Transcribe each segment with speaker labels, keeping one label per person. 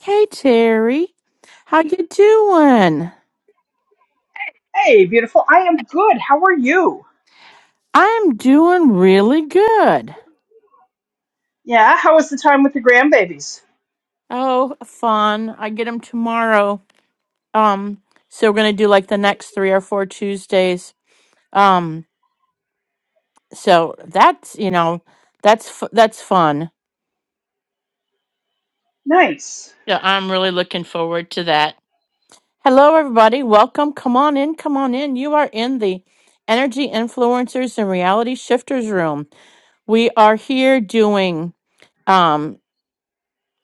Speaker 1: Hey Terry, how you doing?
Speaker 2: Hey, beautiful. I am good. How are you?
Speaker 1: I'm doing really good.
Speaker 2: Yeah, how was the time with the grandbabies?
Speaker 1: Oh, fun. I get them tomorrow. Um, so we're gonna do like the next three or four Tuesdays. Um, so that's, you know, that's fu- that's fun.
Speaker 2: Nice.
Speaker 1: Yeah, I'm really looking forward to that. Hello everybody. Welcome. Come on in. Come on in. You are in the Energy Influencers and Reality Shifters room. We are here doing um,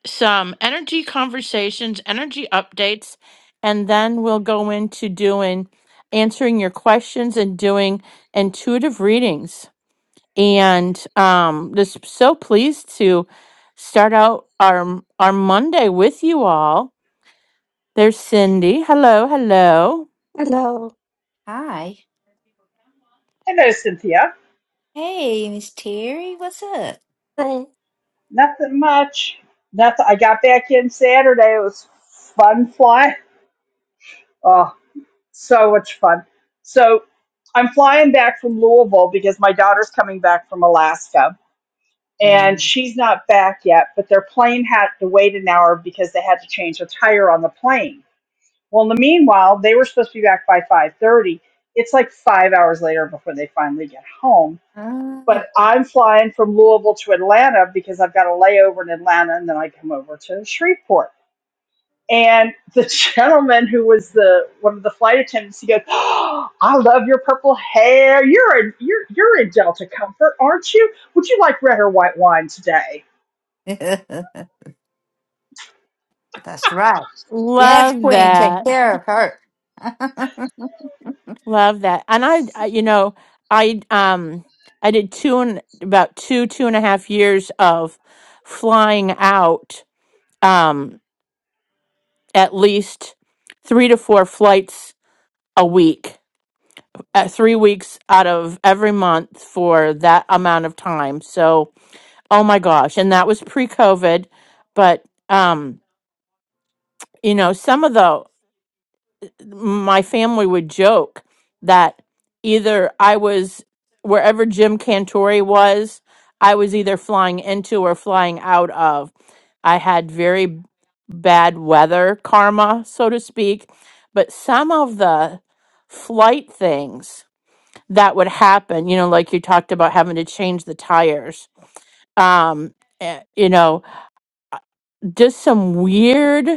Speaker 1: some energy conversations, energy updates, and then we'll go into doing answering your questions and doing intuitive readings. And um just so pleased to start out our our Monday with you all. There's Cindy. Hello, hello.
Speaker 3: Hello.
Speaker 4: Hi.
Speaker 2: Hello, Cynthia.
Speaker 4: Hey, Miss Terry, what's up?
Speaker 3: Hi.
Speaker 2: Nothing much. Nothing. I got back in Saturday. It was fun fly. Oh, so much fun. So I'm flying back from Louisville because my daughter's coming back from Alaska and
Speaker 4: No.
Speaker 2: she's not back yet, but their plane had to wait an hour because they had to change a tire on the plane. Well, in the meanwhile, they were supposed to be back by 5:30. It's like 5 hours later before they finally get home. But
Speaker 4: Ah.
Speaker 2: I'm flying from Louisville to Atlanta because I've got a layover in Atlanta and then I come over to Shreveport. And the gentleman who was the one of the flight attendants, he goes, oh, "I love your purple hair. You're in you're you're in Delta Comfort, aren't you? Would you like red or white wine today?"
Speaker 4: that's right. Yes,
Speaker 1: Love
Speaker 4: Queen, take
Speaker 1: that.
Speaker 4: care of her.
Speaker 1: Love that. And I, I you know, I um I did two and about two, two and a half years of flying out um, at least three to four flights a week, at three weeks out of every month for that amount of time. So, oh my gosh. And that was pre COVID. But, um, you know, some of the my family would joke that either I was wherever Jim Cantori was, I was either flying into or flying out of. I had very bad weather karma, so to speak, but some of the flight things that would happen, you know, like you talked about having to change the tires, um, eh, you know, uh, just some weird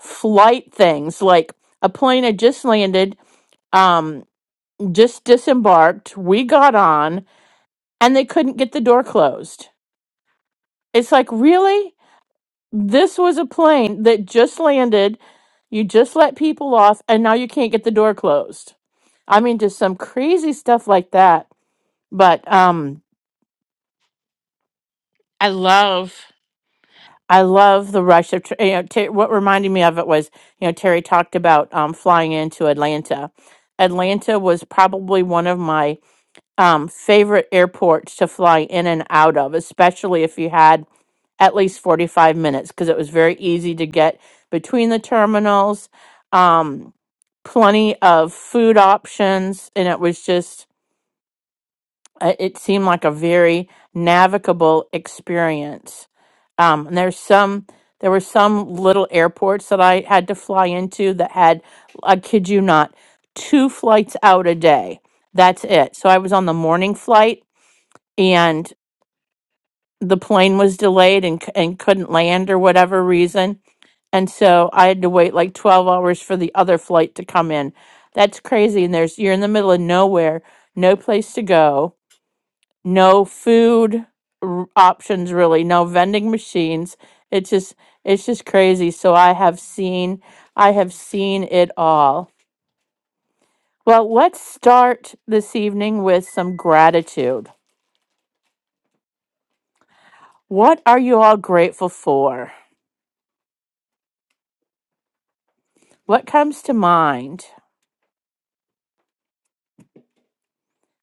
Speaker 1: flight things like a plane had just landed um, just disembarked. We got on, and they couldn't get the door closed. It's like, really? This was a plane that just landed. You just let people off, and now you can't get the door closed. I mean, just some crazy stuff like that. But um, I love, I love the rush of. tr- You know, ter- what reminded me of it was, you know, Terry talked about um, flying into Atlanta. Atlanta was probably one of my um, favorite airports to fly in and out of, especially if you had at least 45 minutes, because it was very easy to get between the terminals, um, plenty of food options, and it was just, uh, it seemed like a very navigable experience. Um, and there's some, there were some little airports that I had to fly into that had, I kid you not, two flights out a day. That's it. So I was on the morning flight and the plane was delayed and c- and couldn't land or whatever reason and so i had to wait like 12 hours for the other flight to come in that's crazy and there's you're in the middle of nowhere no place to go no food r- options really no vending machines it's just it's just crazy so i have seen i have seen it all well let's start this evening with some gratitude what are you all grateful for What comes to mind?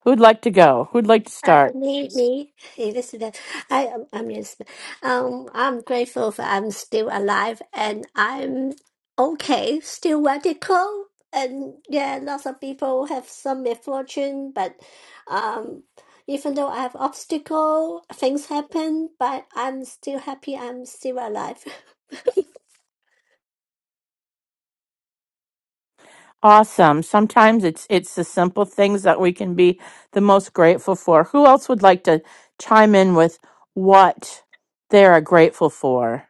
Speaker 1: Who'd like to go? Who'd like to
Speaker 3: Uh,
Speaker 1: start?
Speaker 3: me, me. Hey, listen. uh, I am. I'm just, Um, I'm grateful for I'm still alive and I'm okay. Still radical and yeah, lots of people have some misfortune, but um, even though I have obstacle, things happen, but I'm still happy. I'm still alive.
Speaker 1: Awesome. Sometimes it's it's the simple things that we can be the most grateful for. Who else would like to chime in with what they are grateful for?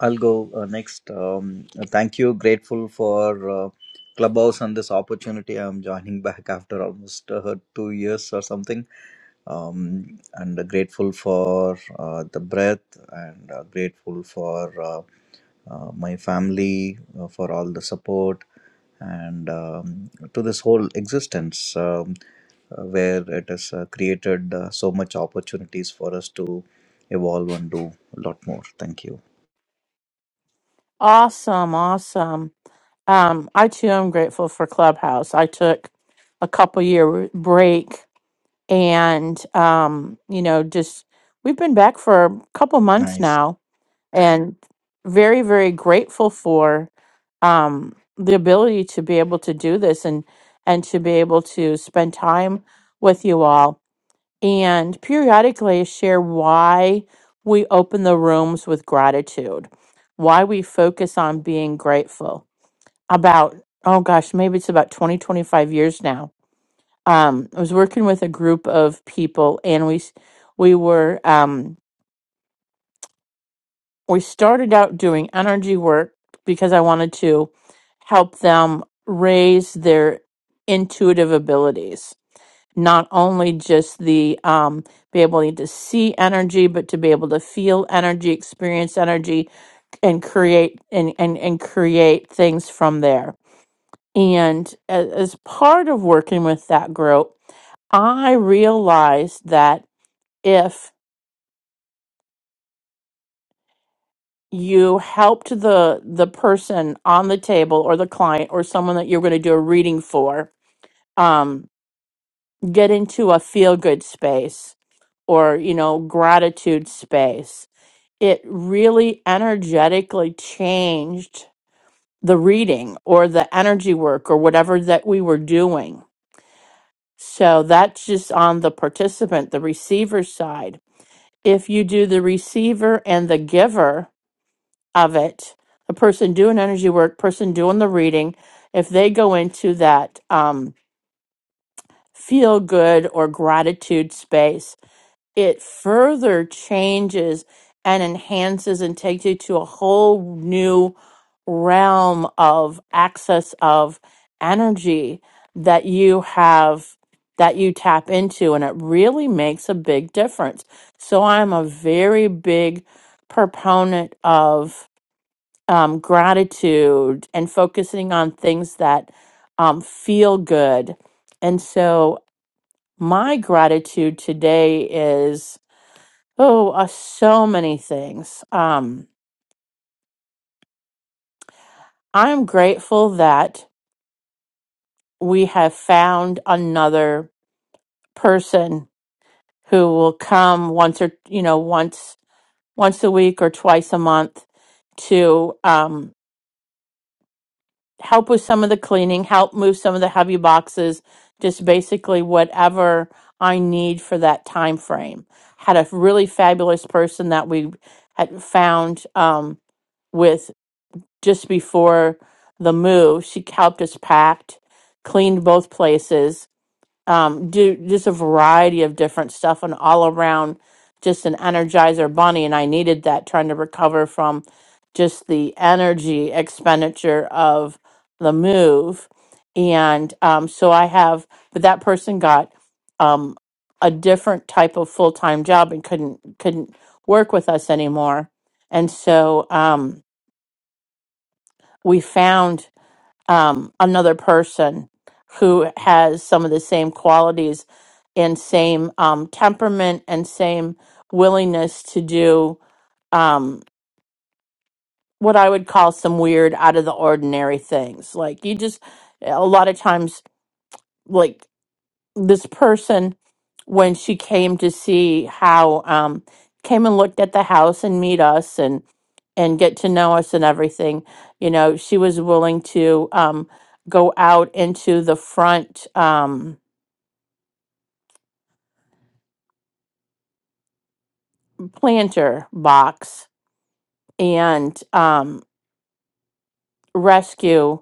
Speaker 5: I'll go uh, next. Um, thank you, grateful for uh, Clubhouse and this opportunity. I'm joining back after almost uh, two years or something, um, and grateful for uh, the breath, and uh, grateful for uh, uh, my family uh, for all the support, and um, to this whole existence um, uh, where it has uh, created uh, so much opportunities for us to evolve and do a lot more. Thank you.
Speaker 1: Awesome, awesome. Um, I too am grateful for Clubhouse. I took a couple year break and um, you know, just we've been back for a couple months
Speaker 5: Nice.
Speaker 1: now and very very grateful for um the ability to be able to do this and and to be able to spend time with you all and periodically share why we open the rooms with gratitude why we focus on being grateful about oh gosh maybe it's about 20 25 years now um i was working with a group of people and we s- we were um we started out doing energy work because I wanted to help them raise their intuitive abilities, not only just the um, be able to see energy, but to be able to feel energy, experience energy, and create and and, and create things from there. And a- as part of working with that group, I realized that. if you helped the the person on the table or the client or someone that you're going to do a reading for um get into a feel good space or you know gratitude space it really energetically changed the reading or the energy work or whatever that we were doing so that's just on the participant the receiver side if you do the receiver and the giver of it, the person doing energy work, person doing the reading, if they go into that um, feel good or gratitude space, it further changes and enhances and takes you to a whole new realm of access of energy that you have that you tap into and it really makes a big difference. So I'm a very big proponent of um, gratitude and focusing on things that um, feel good. And so, my gratitude today is oh, uh, so many things. Um, I'm grateful that we have found another person who will come once or you know once once a week or twice a month to um, help with some of the cleaning, help move some of the heavy boxes, just basically whatever I need for that time frame. Had a really fabulous person that we had found um, with just before the move. She helped us packed, cleaned both places, um, do just a variety of different stuff and all around just an energizer bunny. And I needed that trying to recover from just the energy expenditure of the move. And um, so I have, but that person got um, a different type of full time job and couldn't couldn't work with us anymore. And so um, we found um, another person who has some of the same qualities and same um, temperament and same willingness to do um, what I would call some weird, out of the ordinary things. Like you just, a lot of times, like this person when she came to see how um came and looked at the house and meet us and and get to know us and everything you know she was willing to um go out into the front um planter box and um rescue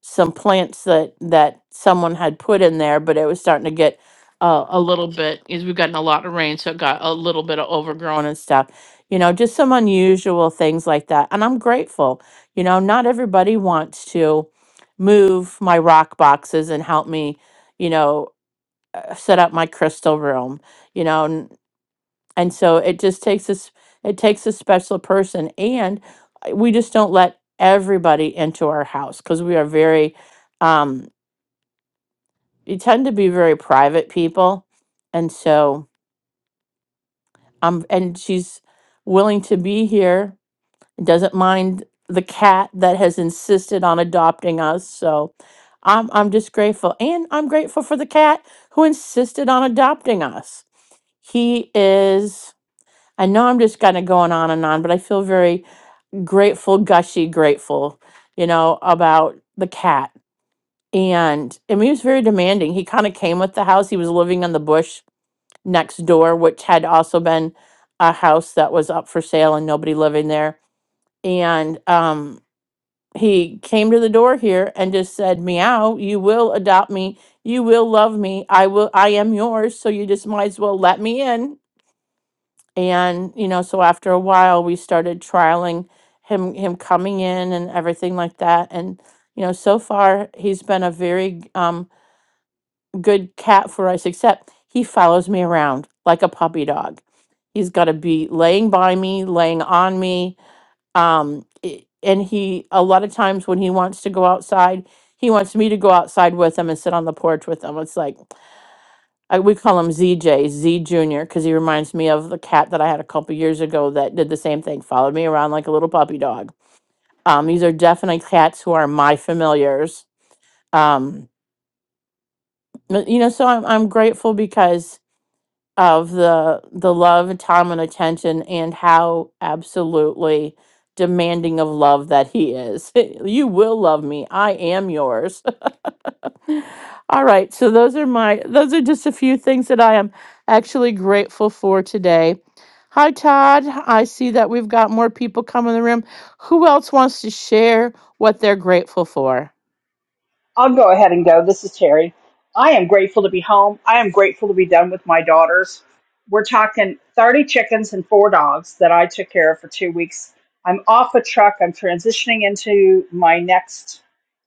Speaker 1: some plants that that someone had put in there, but it was starting to get uh, a little bit because we've gotten a lot of rain, so it got a little bit of overgrown and stuff. You know, just some unusual things like that, and I'm grateful. You know, not everybody wants to move my rock boxes and help me. You know, uh, set up my crystal room. You know, and so it just takes us it takes a special person and uh, we just don't let everybody into our house because we are very um we tend to be very private people and so um and she's willing to be here doesn't mind the cat that has insisted on adopting us so i'm i'm just grateful and i'm grateful for the cat who insisted on adopting us he is i know i'm just kind of going on and on but i feel very grateful, gushy, grateful, you know, about the cat. And I mean, he was very demanding. He kind of came with the house. He was living on the bush next door, which had also been a house that was up for sale and nobody living there. And um, he came to the door here and just said, "Meow, you will adopt me. You will love me. I will. I am yours. So you just might as well let me in." and you know so after a while we started trialing him him coming in and everything like that and you know so far he's been a very um good cat for us except he follows me around like a puppy dog he's got to be laying by me laying on me um i- and he a lot of times when he wants to go outside he wants me to go outside with him and sit on the porch with him it's like I, we call him ZJ, Z Junior, because he reminds me of the cat that I had a couple years ago that did the same thing, followed me around like a little puppy dog. Um, these are definitely cats who are my familiars. Um, but, you know, so I'm I'm grateful because of the the love and time and attention and how absolutely demanding of love that he is. you will love me. I am yours. All right, so those are my those are just a few things that I am actually grateful for today. Hi Todd, I see that we've got more people coming in the room. Who else wants to share what they're grateful for?
Speaker 2: I'll go ahead and go. This is Terry. I am grateful to be home. I am grateful to be done with my daughters. We're talking 30 chickens and four dogs that I took care of for two weeks. I'm off a truck. I'm transitioning into my next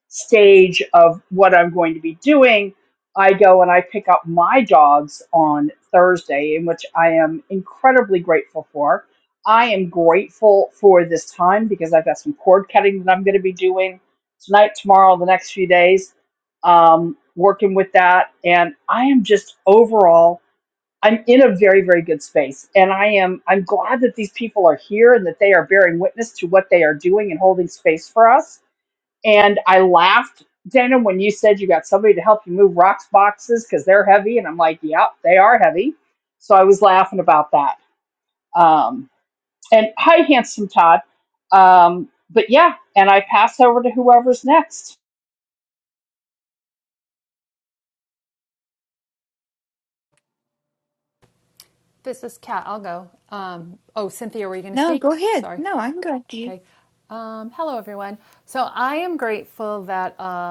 Speaker 2: stage of what I'm going to be doing, I go and I pick up my dogs on Thursday, in which I am incredibly grateful for. I am grateful for this time because I've got some cord cutting that I'm going to be doing tonight, tomorrow, the next few days, um, working with that. And I am just overall, I'm in a very, very good space. And I am, I'm glad that these people are here and that they are bearing witness to what they are doing and holding space for us and I laughed, Dana, when you said you got somebody to help you move rocks boxes because they're heavy. And I'm like, yep, they are heavy. So I was laughing about that. Um, and hi, handsome Todd. Um, but yeah, and I pass over to whoever's next.
Speaker 6: This is Kat. I'll go. Um, oh, Cynthia, were you going to
Speaker 4: no, go
Speaker 6: speak?
Speaker 4: ahead.
Speaker 6: Sorry.
Speaker 4: No, I can go after you.
Speaker 6: Okay. Um, hello, everyone. So I am grateful that uh,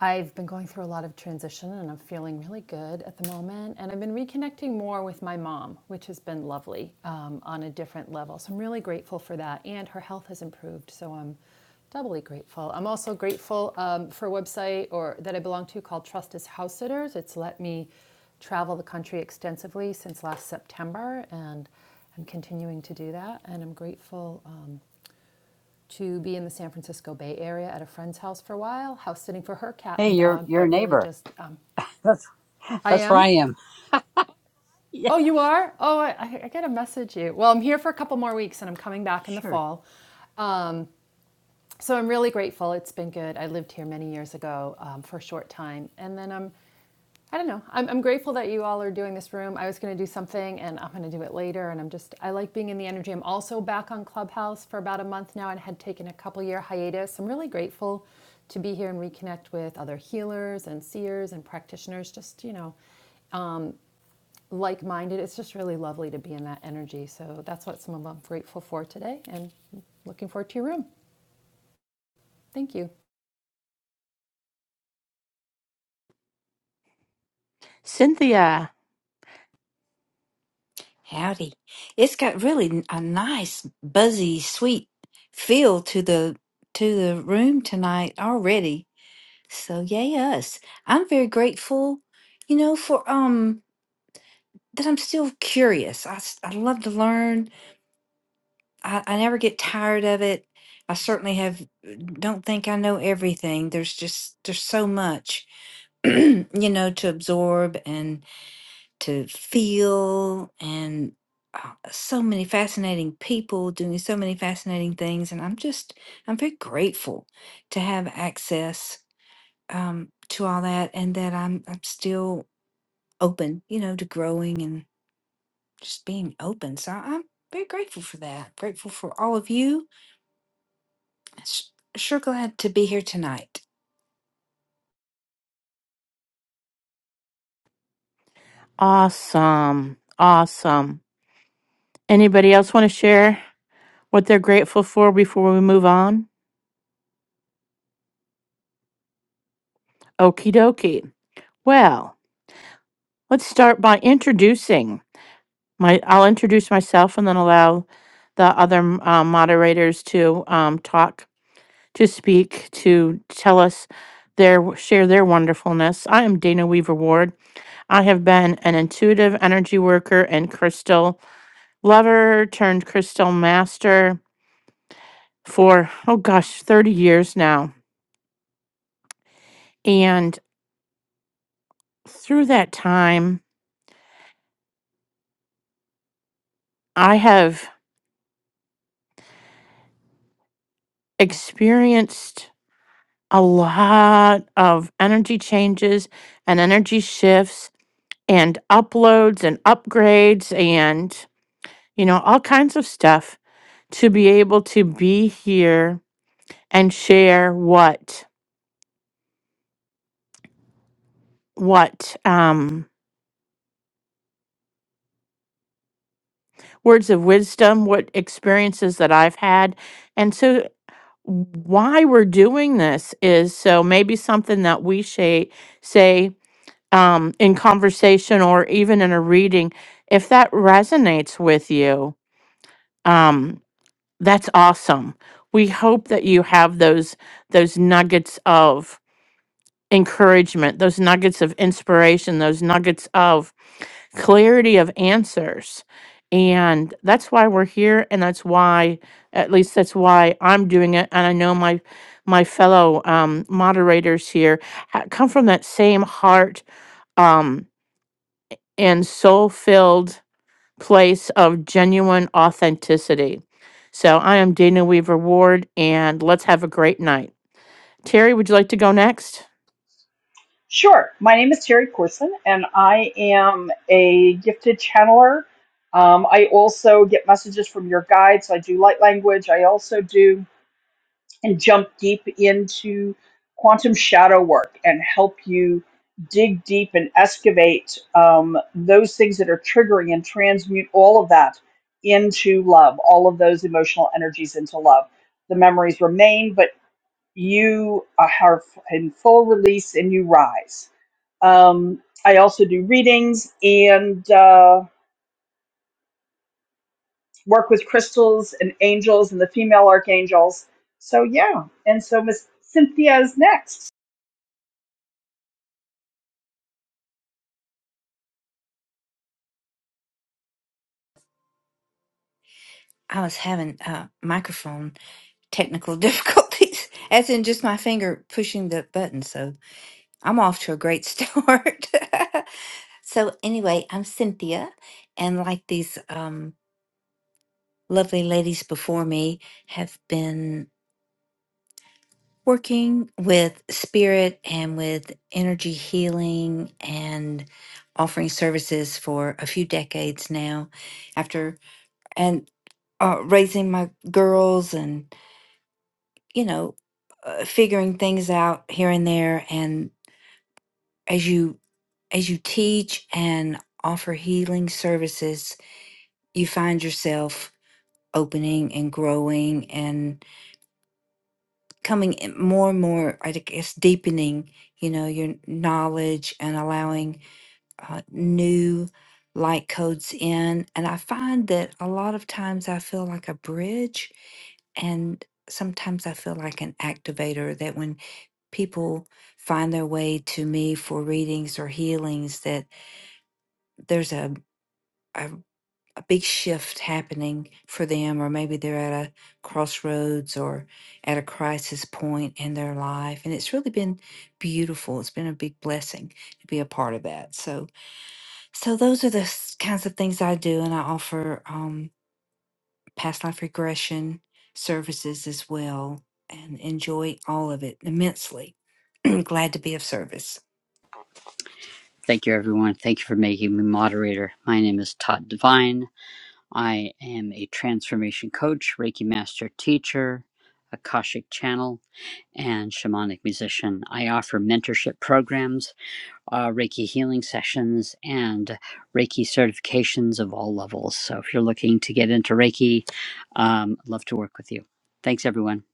Speaker 6: I've been going through a lot of transition and I'm feeling really good at the moment. And I've been reconnecting more with my mom, which has been lovely um, on a different level. So I'm really grateful for that. And her health has improved. So I'm doubly grateful. I'm also grateful um, for a website or that I belong to called Trust as House Sitters. It's let me travel the country extensively since last September. And I'm continuing to do that. And I'm grateful. um, to be in the San Francisco Bay Area at a friend's house for a while, house sitting for her cat
Speaker 7: Hey,
Speaker 6: and
Speaker 7: you're
Speaker 6: dog,
Speaker 7: you're a
Speaker 6: but really
Speaker 7: neighbor.
Speaker 6: just um,
Speaker 7: That's
Speaker 6: I
Speaker 7: that's where I
Speaker 6: am.
Speaker 7: am. Yeah,
Speaker 6: Oh, you are? Oh, I, I, gotta message you. Well, I'm here for a couple more weeks and I'm coming back in the
Speaker 7: sure.
Speaker 6: fall. So I'm really grateful. It's been good. I lived here many years ago um, for a short time. And then I'm I don't know. I'm, I'm grateful that you all are doing this room. I was going to do something and I'm going to do it later. And I'm just, I like being in the energy. I'm also back on Clubhouse for about a month now and had taken a couple year hiatus. I'm really grateful to be here and reconnect with other healers and seers and practitioners, just, you know, um, like minded. It's just really lovely to be in that energy. So that's what some of I'm grateful for today and looking forward to your room. Thank you.
Speaker 1: Cynthia,
Speaker 4: Howdy. It's got really n- a nice, buzzy, sweet feel to the to the room tonight already. So yay us. I'm very grateful, you know, for um that I'm still curious. I, s- I love to learn I, I never get tired of it. I certainly have don't think I know everything. There's just there's so much, you know, to absorb and to feel and uh, so many fascinating people doing so many fascinating things and I'm just I'm very grateful to have access um to all that and that I'm I'm still open, you know, to growing and just being open. So I'm very grateful for that. Grateful for all of you Sh- Sure glad to be here tonight.
Speaker 1: awesome. Awesome. Anybody else want to share what they're grateful for before we move on? Okie dokie. Well, let's start by introducing my I'll introduce myself and then allow the other um, moderators to um, talk to speak to tell us their share their wonderfulness. I am Dana Weaver Ward. I have been an intuitive energy worker and crystal lover turned crystal master for oh gosh, 30 years now. And through that time, I have experienced a lot of energy changes and energy shifts and uploads and upgrades and you know all kinds of stuff to be able to be here and share what what um words of wisdom what experiences that i've had and so why we're doing this is so maybe something that we say say um, in conversation or even in a reading if that resonates with you um, that's awesome we hope that you have those those nuggets of. encouragement, those nuggets of inspiration, those nuggets of clarity of answers. And that's why we're here and that's why at least that's why I'm doing it and I know my my fellow um, moderators here ha- come from that same heart um, and soul-filled place of genuine authenticity. So I am Dana Weaver Ward and let's have a great night. Terry, would you like to go next?
Speaker 2: Sure. My name is Terry Corson, and I am a gifted channeler. Um, I also get messages from your guides. I do light language. I also do and jump deep into quantum shadow work and help you dig deep and excavate um, those things that are triggering and transmute all of that into love, all of those emotional energies into love. The memories remain, but you are in full release and you rise. Um, I also do readings and uh, work with crystals and angels and the female archangels. So, yeah. And so, Miss Cynthia is next.
Speaker 4: I was having uh, microphone technical difficulties, as in just my finger pushing the button. So I'm off to a great start. so, anyway, I'm Cynthia, and like these um, lovely ladies before me, have been working with spirit and with energy healing and offering services for a few decades now. After, and. uh, raising my girls and you know uh, figuring things out here and there and as you as you teach and offer healing services you find yourself opening and growing and coming in more and more i guess deepening you know your knowledge and allowing uh, new light codes in. And I find that a lot of times I feel like a bridge, and sometimes I feel like an activator that when people find their way to me for readings or healings, that there's a a, a big shift happening for them, or maybe they're at a crossroads or at a crisis point in their life. And it's really been beautiful. It's been a big blessing to be a part of that. So, so those are the s- kinds of things I do, and I offer um, past life regression services as well, and enjoy all of it immensely. Glad to be of service.
Speaker 7: Thank you, everyone. Thank you for making me moderator. My name is Todd Devine. I am a transformation coach, Reiki master teacher, Akashic channel, and shamanic musician. I offer mentorship programs, uh, Reiki healing sessions, and Reiki certifications of all levels. So if you're looking to get into Reiki, um, I'd love to work with you. Thanks, everyone.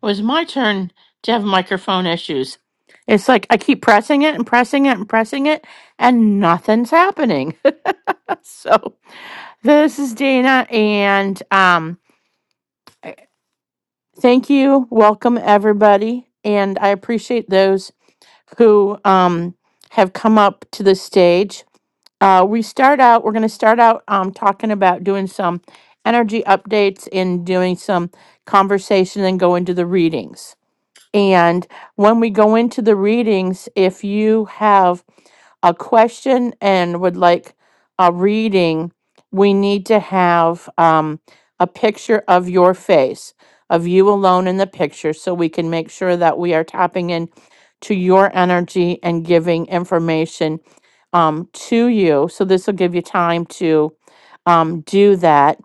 Speaker 1: It was my turn to have microphone issues. It's like I keep pressing it and pressing it and pressing it, and nothing's happening. so this is Dana, and um, thank you, welcome everybody, and I appreciate those who um have come up to the stage. Uh, we start out. We're going to start out um talking about doing some energy updates and doing some conversation, and go into the readings. And when we go into the readings, if you have a question and would like a reading, we need to have um, a picture of your face, of you alone in the picture, so we can make sure that we are tapping in to your energy and giving information um, to you. So this will give you time to um, do that.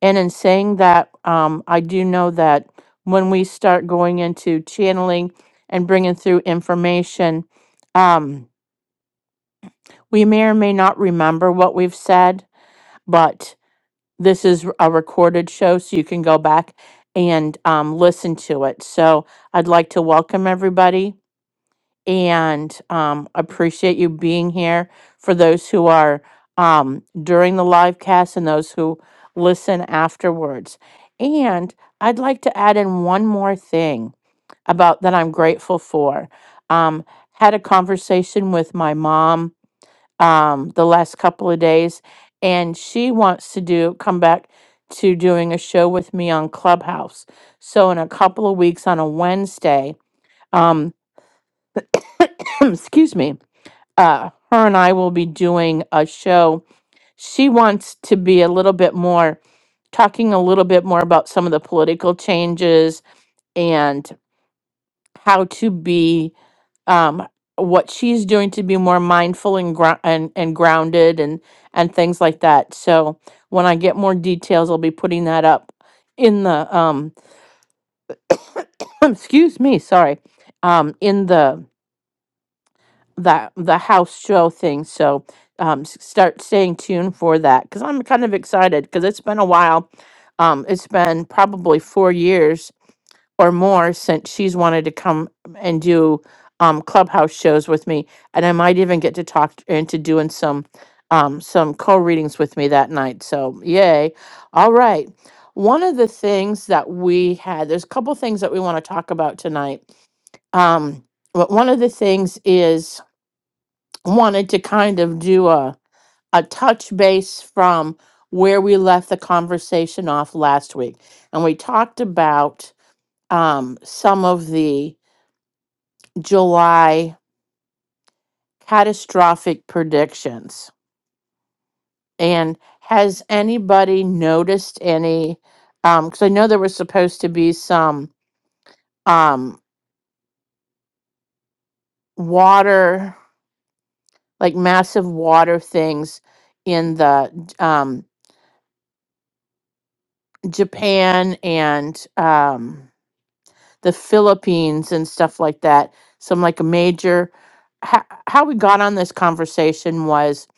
Speaker 1: And in saying that, um, I do know that when we start going into channeling and bringing through information, um, we may or may not remember what we've said, but this is a recorded show, so you can go back and um, listen to it. So I'd like to welcome everybody and um, appreciate you being here. For those who are um, during the live cast and those who listen afterwards, and I'd like to add in one more thing about that I'm grateful for. Um, had a conversation with my mom um, the last couple of days, and she wants to do come back to doing a show with me on Clubhouse. So in a couple of weeks on a Wednesday, um, excuse me, uh, her and I will be doing a show. She wants to be a little bit more talking a little bit more about some of the political changes and how to be um, what she's doing to be more mindful and, gro- and and grounded and and things like that. So when I get more details, I'll be putting that up in the um excuse me, sorry. Um in the that the house show thing. So um, s- start staying tuned for that because I'm kind of excited because it's been a while. Um, it's been probably four years or more since she's wanted to come and do um, clubhouse shows with me, and I might even get to talk her into doing some um, some co readings with me that night. So yay! All right. One of the things that we had, there's a couple things that we want to talk about tonight. Um, but one of the things is wanted to kind of do a, a touch base from where we left the conversation off last week. And we talked about um, some of the July catastrophic predictions. And has anybody noticed any? Because I know there was supposed to be some um, water, like massive water things in the um, Japan and. Um, the Philippines and stuff like that. Some like a major. How, how we got on this conversation was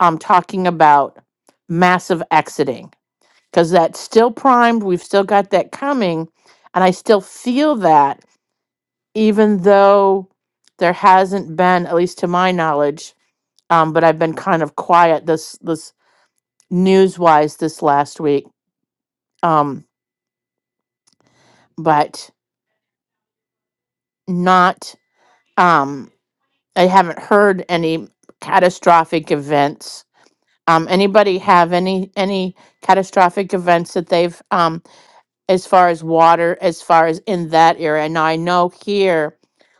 Speaker 1: um talking about massive exiting because that's still primed. We've still got that coming, and I still feel that even though there hasn't been, at least to my knowledge, um, but I've been kind of quiet this this news wise this last week. Um, but not. Um, I haven't heard any catastrophic events. Um, anybody have any any catastrophic events that they've um, as far as water, as far as in that area? Now I know here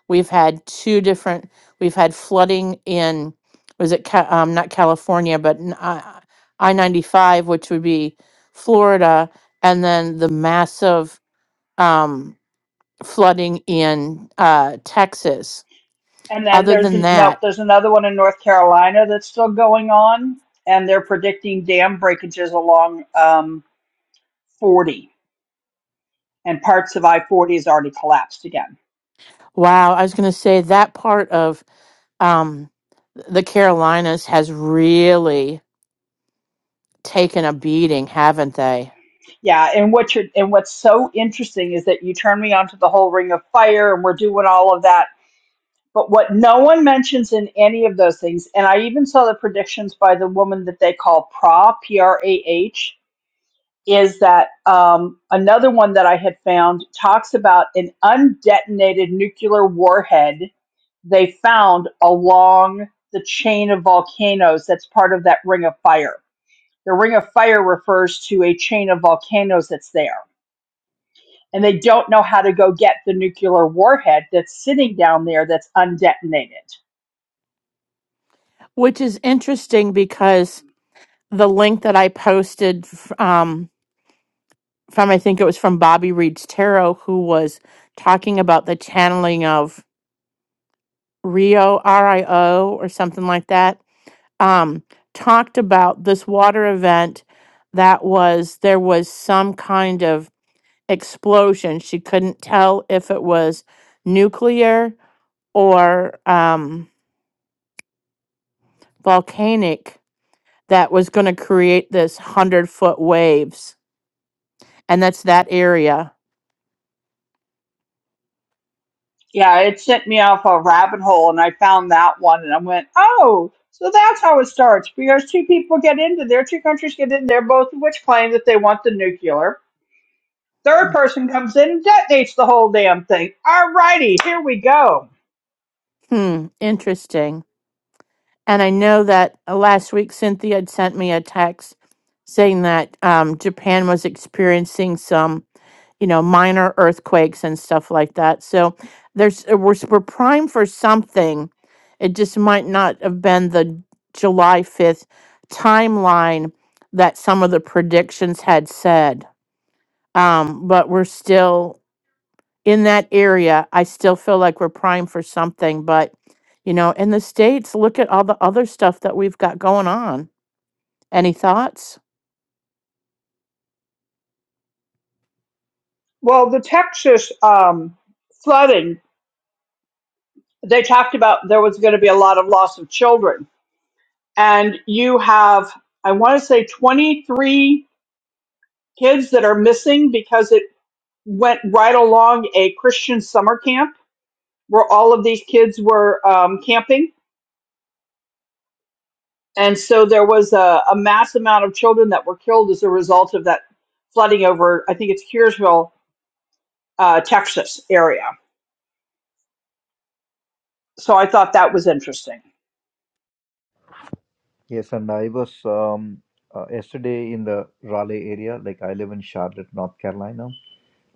Speaker 1: we've had two different. We've had flooding in was it Ca- um, not California, but I ninety five, which would be Florida, and then the massive um, flooding in uh, Texas.
Speaker 2: And then
Speaker 1: Other
Speaker 2: there's
Speaker 1: than
Speaker 2: an, nope,
Speaker 1: that
Speaker 2: there's another one in North Carolina that's still going on, and they're predicting dam breakages along um, 40, and parts of I-40 is already collapsed again.
Speaker 1: Wow, I was going to say that part of um, the Carolinas has really taken a beating, haven't they?
Speaker 2: Yeah, and what you're and what's so interesting is that you turn me onto the whole Ring of Fire, and we're doing all of that. But what no one mentions in any of those things, and I even saw the predictions by the woman that they call Pra, P R A H. is that um, another one that I had found talks about an undetonated nuclear warhead they found along the chain of volcanoes that's part of that ring of fire. The ring of fire refers to a chain of volcanoes that's there and they don't know how to go get the nuclear warhead that's sitting down there that's undetonated.
Speaker 1: Which is interesting because the link that I posted f- um, from, I think it was from Bobby Reed's Tarot, who was talking about the channeling of Rio, R I O, or something like that, um, talked about this water event that was, there was some kind of explosion. She couldn't tell if it was nuclear or um, volcanic that was going to create this 100 foot waves. And that's that area.
Speaker 2: Yeah, it sent me off a rabbit hole, and I found that one, and I went, oh, so that's how it starts. Because two people get into there, two countries get in there, both of which claim that they want the nuclear. Third person comes in and detonates the whole damn thing. All righty, here we go.
Speaker 1: Hmm, interesting. And I know that uh, last week Cynthia had sent me a text saying that um, Japan was experiencing some. you know, minor earthquakes and stuff like that. So there's uh, we're s- we're primed for something. It just might not have been the July 5th timeline that some of the predictions had said. Um, but we're still in that area. I still feel like we're primed for something, but you know, in the states, look at all the other stuff that we've got going on. Any thoughts?
Speaker 2: Well, the Texas um, flooding, they talked about there was going to be a lot of loss of children. And you have, I want to say, 23 kids that are missing because it went right along a Christian summer camp where all of these kids were um, camping. And so there was a, a mass amount of children that were killed as a result of that flooding over, I think it's Curesville, uh, Texas area. So I thought that was interesting.
Speaker 5: Yes, and I was um, uh, yesterday in the Raleigh area. Like I live in Charlotte, North Carolina,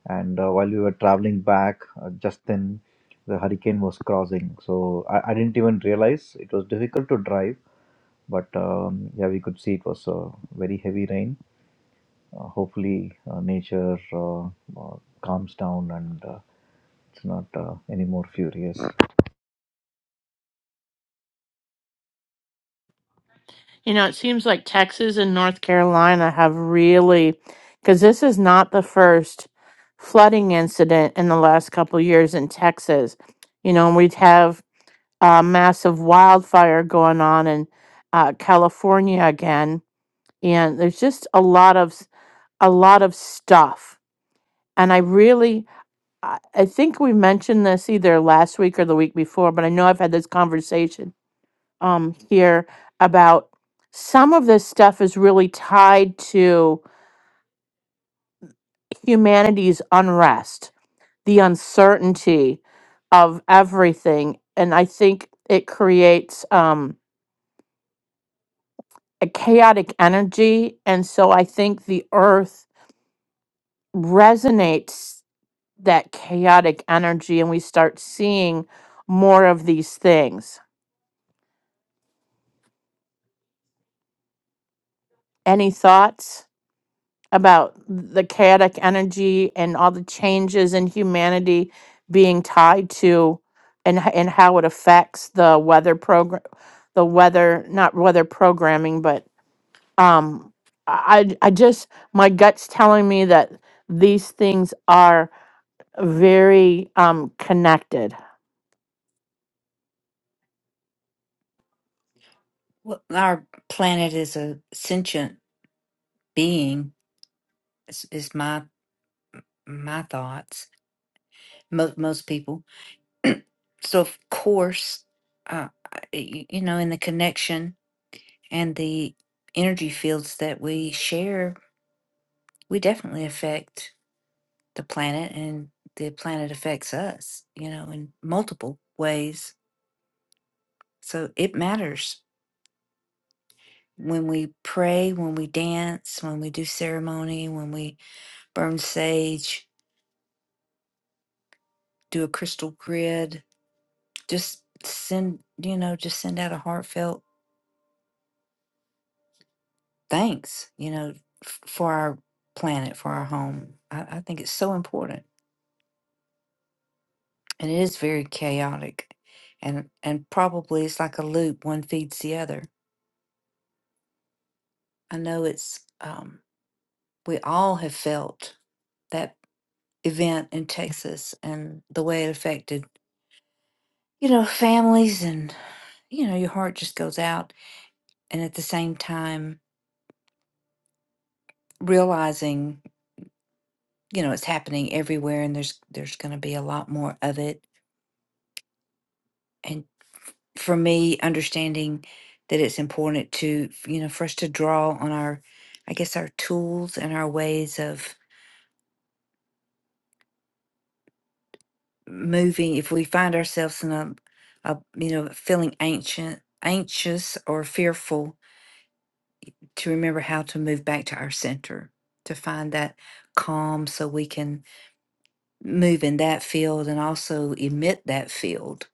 Speaker 5: and uh, while we were traveling back, uh, just then the hurricane was crossing. So I, I didn't even realize it was difficult to drive. But um, yeah, we could see it was uh, very heavy rain. Uh, hopefully, uh, nature uh, uh, calms down and uh, it's not uh, any more furious.
Speaker 1: You know, it seems like Texas and North Carolina have really, because this is not the first flooding incident in the last couple of years in Texas. You know, and we'd have a massive wildfire going on in uh, California again, and there's just a lot of s- a lot of stuff. And I really, I I think we mentioned this either last week or the week before, but I know I've had this conversation um, here about some of this stuff is really tied to humanity's unrest, the uncertainty of everything. And I think it creates um, a chaotic energy. And so I think the earth resonates that chaotic energy, and we start seeing more of these things. Any thoughts? about the chaotic energy and all the changes in humanity being tied to and h- and how it affects the weather program the weather not weather programming but um I I just my gut's telling me that these things are very um connected.
Speaker 4: Well, our planet is a sentient being. Is, is my my thoughts. Most most people. So of course, uh, I- y- you know, in the connection and the energy fields that we share, we definitely affect the planet and the planet affects us, you know, in multiple ways. So it matters when we pray, when we dance, when we do ceremony, when we burn sage, do a crystal grid, just send, you know, just send out a heartfelt thanks, you know, f- for our planet, for our home. I, I think it's so important. And it is very chaotic. And, and probably it's like a loop, one feeds the other. I know it's um, we all have felt that event in Texas and the way it affected, you know, families and, you know, your heart just goes out. And at the same time, realizing, you know, it's happening everywhere and there's, there's going to be a lot more of it. And for me, understanding that it's important to, you know, for us to draw on our, I guess, our tools and our ways of moving if we find ourselves in a, a you know feeling ancient anxious or fearful to remember how to move back to our center to find that calm so we can move in that field and also emit that field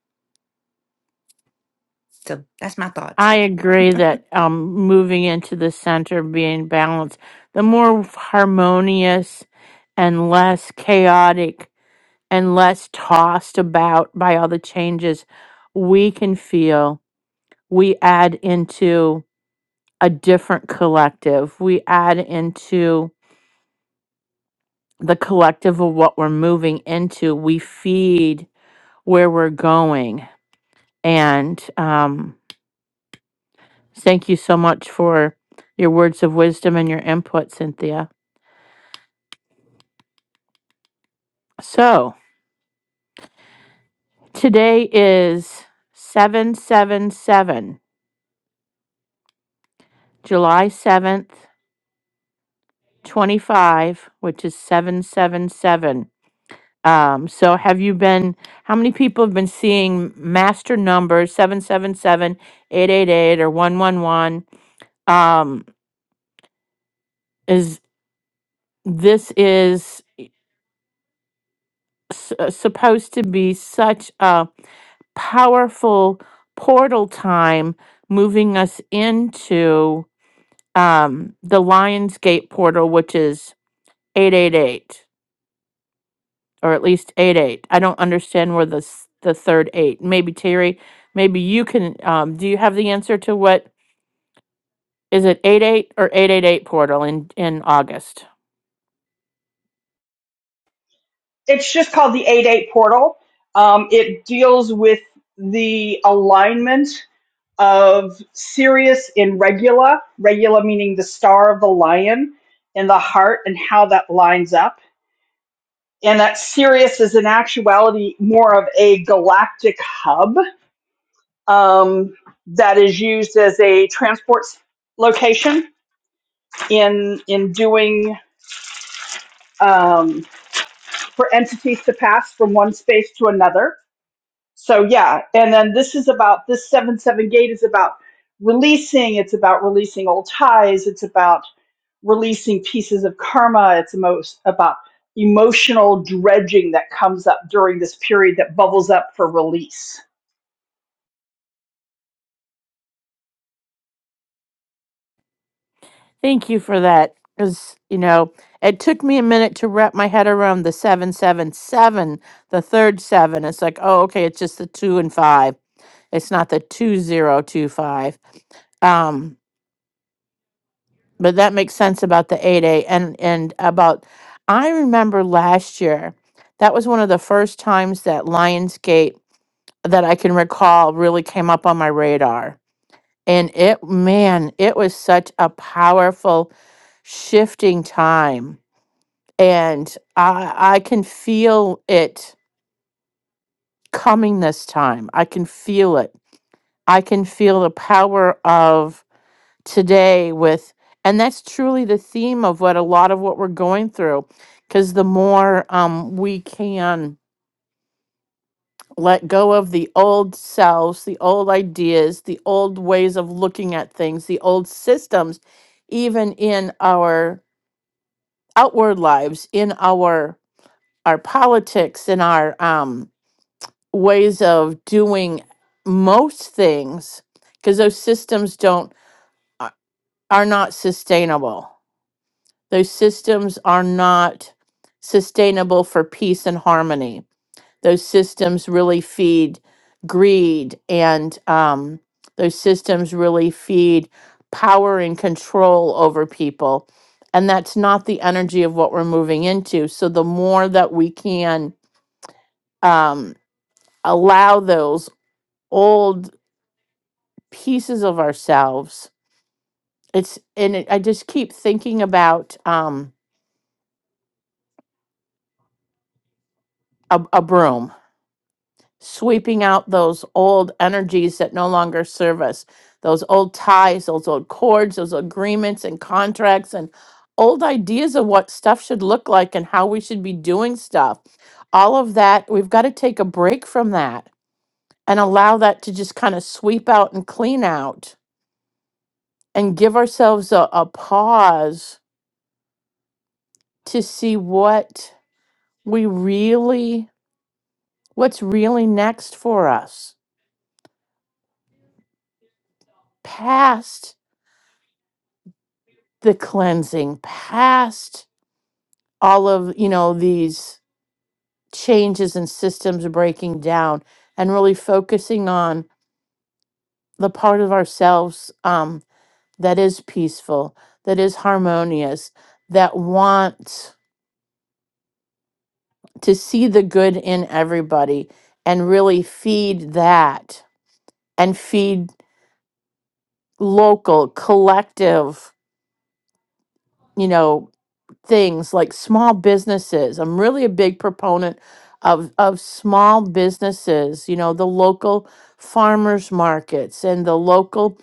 Speaker 4: so that's my thoughts
Speaker 1: I agree that um moving into the center being balanced the more harmonious and less chaotic and less tossed about by all the changes, we can feel we add into a different collective. We add into the collective of what we're moving into. We feed where we're going. And um, thank you so much for your words of wisdom and your input, Cynthia. So today is 777, July 7th. 25, which is 777. Um, so have you been, how many people have been seeing master numbers 777, 888, or 111? Um, is this is s- uh, supposed to be such a powerful portal time moving us into um, the Lionsgate portal, which is 888. or at least eight eight. I don't understand where the s- the third eight. Maybe Terry, maybe you can. Um, do you have the answer to what is it eight eight or eight eight eight portal in in August?
Speaker 2: It's just called the 8 8 portal. Um, it deals with the alignment of Sirius in Regula, Regula meaning the star of the lion in the heart, and how that lines up and that Sirius is in actuality more of a galactic hub um, that is used as a transport location in in doing um, for entities to pass from one space to another. So yeah, and then this is about this seven seven gate is about releasing. It's about releasing old ties. It's about releasing pieces of karma. It's most about emotional dredging that comes up during this period that bubbles up for release.
Speaker 1: Thank you for that. Because, you know, it took me a minute to wrap my head around the 777, the third seven. It's like, oh, okay, it's just the two and five. It's not the 2025. Um, but that makes sense about the 8A and, and about, I remember last year, that was one of the first times that Lionsgate that I can recall really came up on my radar. And it, man, it was such a powerful shifting time and I I can feel it coming this time. I can feel it. I can feel the power of today with and that's truly the theme of what a lot of what we're going through because the more um we can let go of the old selves, the old ideas, the old ways of looking at things, the old systems even in our outward lives, in our our politics, in our um ways of doing most things because those systems don't are are not sustainable those systems are not sustainable for peace and harmony those systems really feed greed and um, those systems really feed power and control over people and that's not the energy of what we're moving into so the more that we can um, allow those old pieces of ourselves. It's and it, I just keep thinking about um, a, a broom sweeping out those old energies that no longer serve us, those old ties, those old cords, those agreements and contracts, and old ideas of what stuff should look like and how we should be doing stuff. All of that, we've got to take a break from that and allow that to just kind of sweep out and clean out and give ourselves a, a pause to see what we really what's really next for us past the cleansing past all of you know these changes and systems breaking down and really focusing on the part of ourselves um, that is peaceful that is harmonious that wants to see the good in everybody and really feed that and feed local collective you know things like small businesses. I'm really a big proponent of of small businesses, you know, the local farmers markets and the local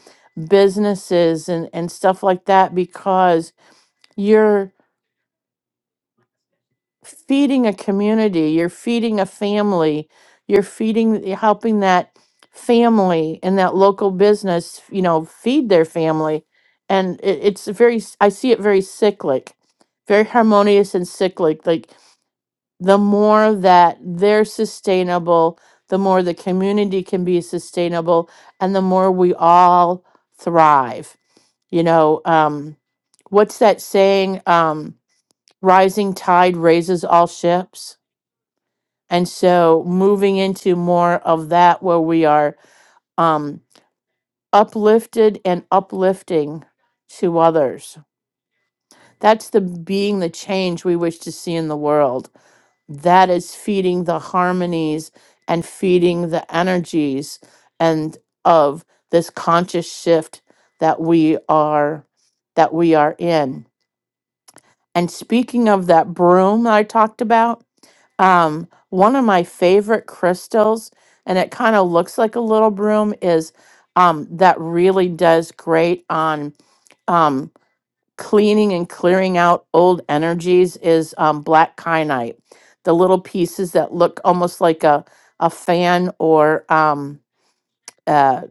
Speaker 1: businesses and, and stuff like that because you're feeding a community, you're feeding a family, you're feeding you're helping that family and that local business, you know, feed their family. And it, it's very s- I see it very cyclic, very harmonious and cyclic. Like the more that they're sustainable, the more the community can be sustainable, and the more we all thrive. You know, um, what's that saying? Um, rising tide raises all ships. And so moving into more of that where we are um, uplifted and uplifting to others. That's the being the change we wish to see in the world. that is feeding the harmonies and feeding the energies and of this conscious shift that we are that we are in and speaking of that broom that i talked about um, one of my favorite crystals and it kind of looks like a little broom is um, that really does great on um cleaning and clearing out old energies is um, black kyanite, the little pieces that look almost like a a fan or um, uh,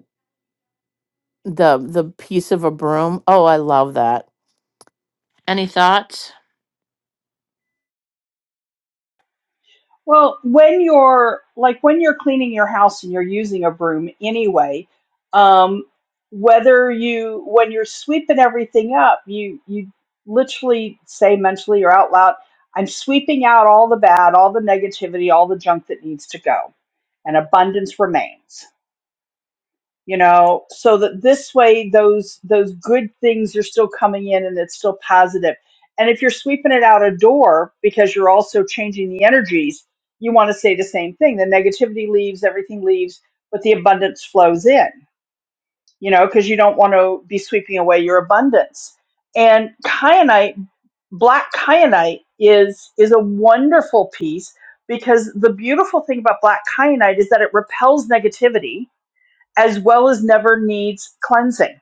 Speaker 1: the the piece of a broom. Oh, I love that. Any thoughts?
Speaker 2: Well, when you're like when you're cleaning your house and you're using a broom anyway, um, whether you when you're sweeping everything up, you you literally say mentally or out loud, "I'm sweeping out all the bad, all the negativity, all the junk that needs to go, and abundance remains." you know so that this way those those good things are still coming in and it's still positive positive. and if you're sweeping it out a door because you're also changing the energies you want to say the same thing the negativity leaves everything leaves but the abundance flows in you know because you don't want to be sweeping away your abundance and kyanite black kyanite is is a wonderful piece because the beautiful thing about black kyanite is that it repels negativity as well as never needs cleansing.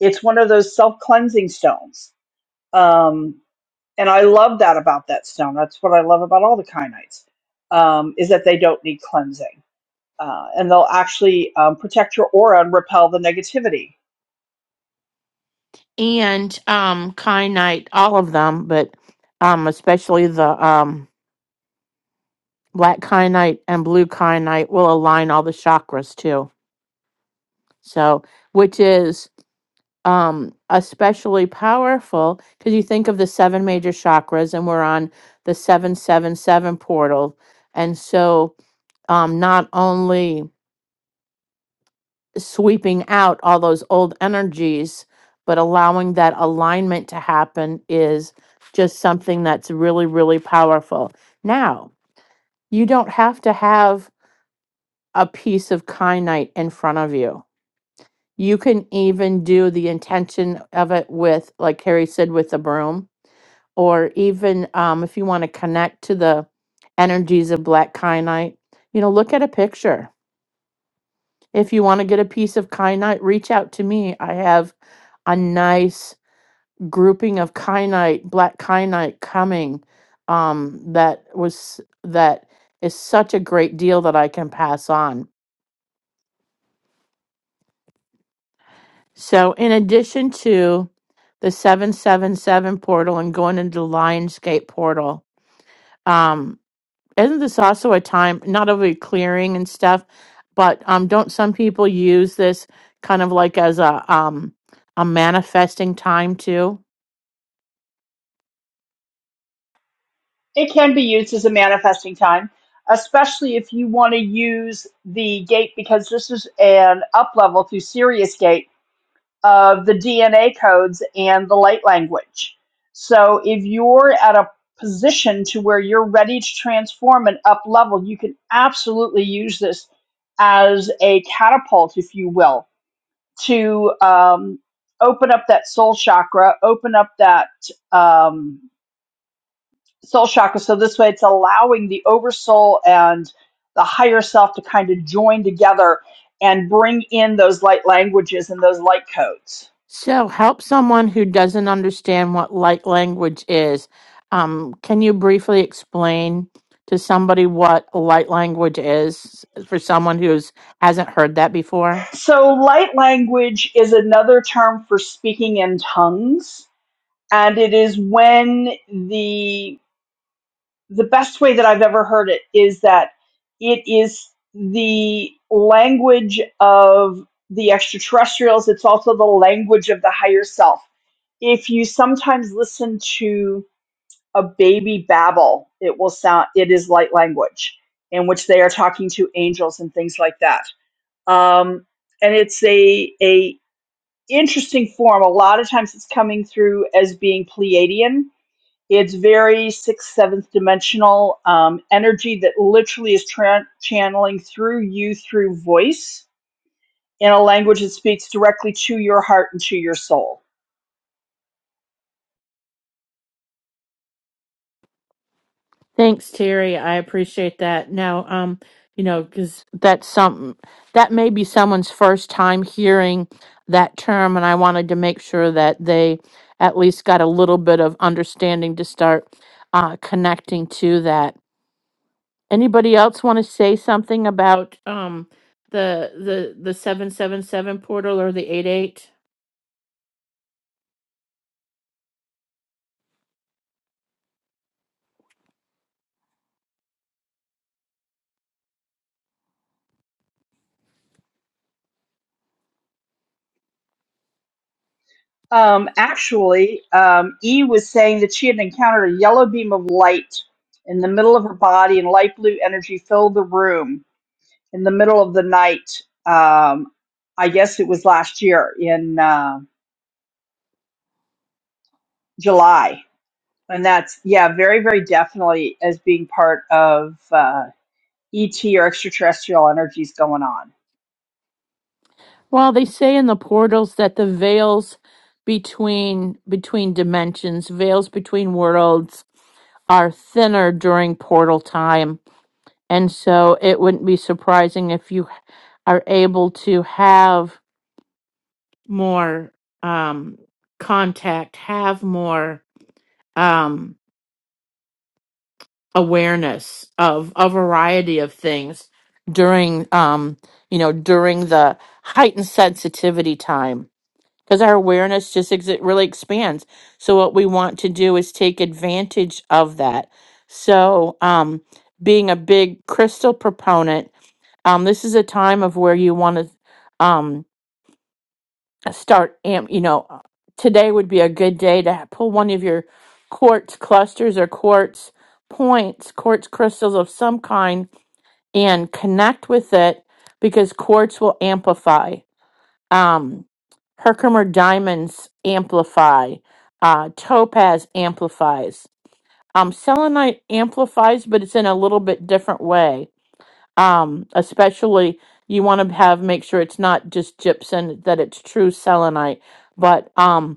Speaker 2: It's one of those self cleansing stones. Um, and I love that about that stone. That's what I love about all the kyanites, um, is that they don't need cleansing. Uh, and they'll actually um, protect your aura and repel the negativity.
Speaker 1: And um, kyanite, all of them, but um, especially the um, black kyanite and blue kyanite will align all the chakras too. So, which is um especially powerful because you think of the seven major chakras and we're on the 777 portal and so um not only sweeping out all those old energies but allowing that alignment to happen is just something that's really really powerful now you don't have to have a piece of kyanite in front of you you can even do the intention of it with like carrie said with the broom or even um, if you want to connect to the energies of black kyanite, you know, look at a picture. If you want to get a piece of kyanite, reach out to me. I have a nice grouping of kyanite, black kyanite coming um, that was that is such a great deal that I can pass on. So, in addition to the 777 portal and going into the Lionsgate portal, um, Isn't this also a time not only clearing and stuff, but um, don't some people use this kind of like as a um a manifesting time too?
Speaker 2: It can be used as a manifesting time, especially if you want to use the gate, because this is an up level through Sirius Gate of the DNA codes and the light language. So if you're at a position to where you're ready to transform and up level, you can absolutely use this as a catapult, if you will, to um, open up that soul chakra, open up that um, soul chakra. So this way, it's allowing the oversoul and the higher self to kind of join together and bring in those light languages and those light codes.
Speaker 1: So help someone who doesn't understand what light language is. Um, can you briefly explain to somebody what light language is for someone who's hasn't heard that before?
Speaker 2: So, light language is another term for speaking in tongues, and it is when the the best way that I've ever heard it is that it is the language of the extraterrestrials. It's also the language of the higher self. If you sometimes listen to a baby babble, it will sound it is light language in which they are talking to angels and things like that. Um, and it's a a interesting form. A lot of times it's coming through as being Pleiadian. It's very sixth, seventh dimensional um, energy that literally is tra- channeling through you through voice in a language that speaks directly to your heart and to your soul.
Speaker 1: Thanks, Terry. I appreciate that. Now, um, you know, because that's something that may be someone's first time hearing that term, and I wanted to make sure that they at least got a little bit of understanding to start uh, connecting to that. Anybody else want to say something about um, the the the seven seven seven portal or the eight eight?
Speaker 2: Um, actually, um, E was saying that she had encountered a yellow beam of light in the middle of her body, and light blue energy filled the room in the middle of the night. Um, I guess it was last year in. Uh, July, and that's yeah, very very definitely as being part of uh, ET or extraterrestrial energies going on.
Speaker 1: Well, they say in the portals that the veils between between dimensions, veils between worlds are thinner during portal time. And so it wouldn't be surprising if you are able to have more um, contact, have more um, awareness of a variety of things during, um, you know, during the heightened sensitivity time. because our awareness just ex- it really expands. So what we want to do is take advantage of that. So um, being a big crystal proponent, um, this is a time of where you want to um, start. am- You know, uh, today would be a good day to ha- pull one of your quartz clusters or quartz points, quartz crystals of some kind, and connect with it because quartz will amplify um, Herkimer diamonds amplify, uh, topaz amplifies, um, selenite amplifies, but it's in a little bit different way. Um, especially you want to have make sure it's not just gypsum that it's true selenite, but um,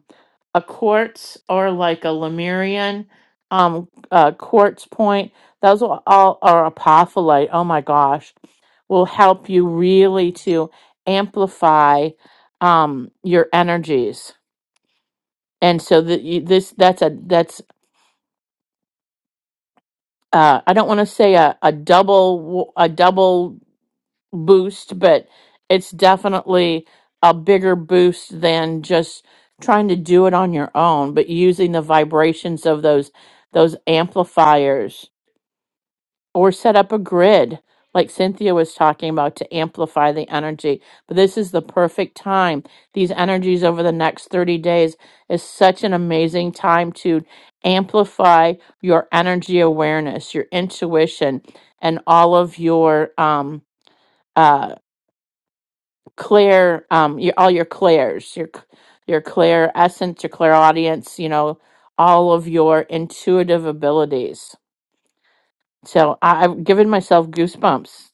Speaker 1: a quartz or like a Lemurian um uh, quartz point. Those are all are apophyllite. Oh my gosh, will help you really to amplify um your energies. And so that you- this that's a that's uh I don't want to say a a double w- a double boost, but it's definitely a bigger boost than just trying to do it on your own, but using the vibrations of those those amplifiers or set up a grid like Cynthia was talking about to amplify the energy. But this is the perfect time. These energies over the next 30 days is such an amazing time to amplify your energy awareness, your intuition, and all of your um uh, clear um your all your clairs your c- your clear essence your clear audience you know all of your intuitive abilities so I, i've given myself goosebumps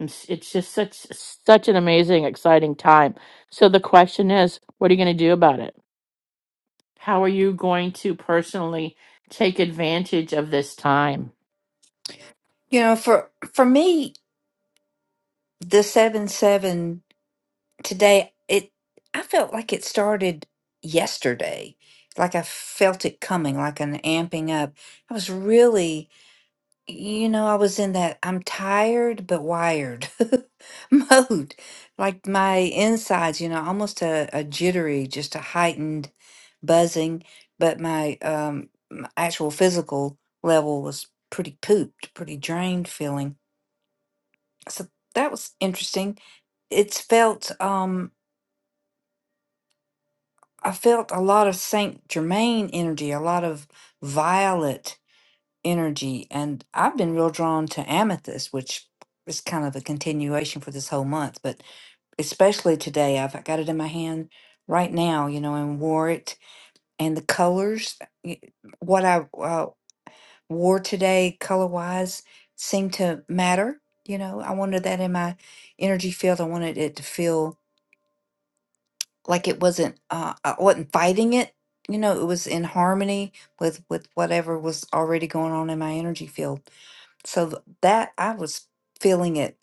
Speaker 1: it's, it's just such such an amazing exciting time so the question is what are you going to do about it how are you going to personally take advantage of this time
Speaker 4: you know for for me the 7 7 today it i felt like it started yesterday like i felt it coming like an amping up i was really You know, I was in that I'm tired but wired mode. Like my insides, you know, almost a, a jittery, just a heightened buzzing, but my um m- actual physical level was pretty pooped, pretty drained feeling. So that was interesting. It's felt um I felt a lot of Saint Germain energy, a lot of violet energy. And I've been real drawn to amethyst, which is kind of a continuation for this whole month, but especially today, I've got it in my hand right now, you know, and wore it. And the colors, y- what I uh, wore today, color wise, seemed to matter. You know, I wanted that in my energy field. I wanted it to feel like it wasn't, uh, I wasn't fighting it. You know, it was in harmony with with whatever was already going on in my energy field So th- that I was feeling it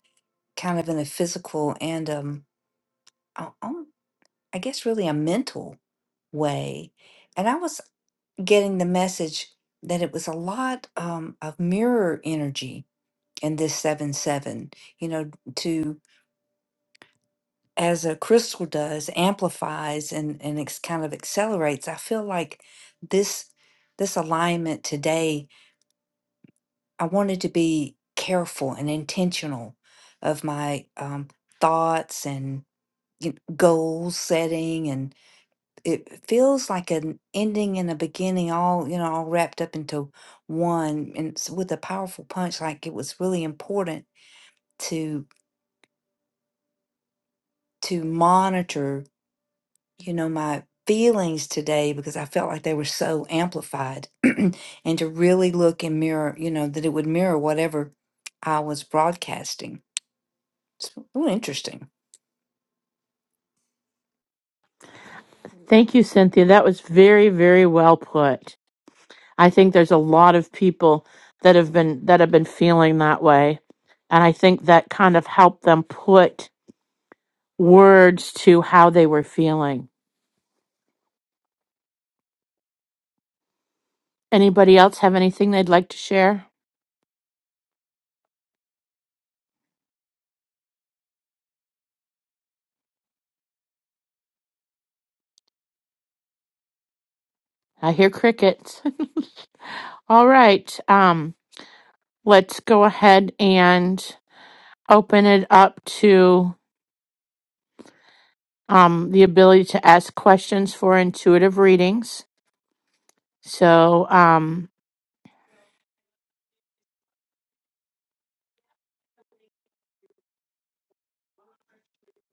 Speaker 4: kind of in a physical and um I, I guess really a mental way. And I was getting the message that it was a lot um, of mirror energy in this 7 7, you know, to as a crystal does, amplifies and, and it's kind of accelerates. I feel like this this alignment today I wanted to be careful and intentional of my um, thoughts and you know, goal setting, and it feels like an ending and a beginning, all you know, all wrapped up into one, and it's with a powerful punch. Like it was really important to to monitor, you know, my feelings today because I felt like they were so amplified, and to really look and mirror, you know, that it would mirror whatever I was broadcasting It's really interesting.
Speaker 1: thank you cynthia that was very very well put I think there's a lot of people that have been that have been feeling that way. And I think that kind of helped them put words to how they were feeling. Anybody else have anything they'd like to share? I hear crickets. All right. Um, let's go ahead and open it up to um, the ability to ask questions for intuitive readings. So, um,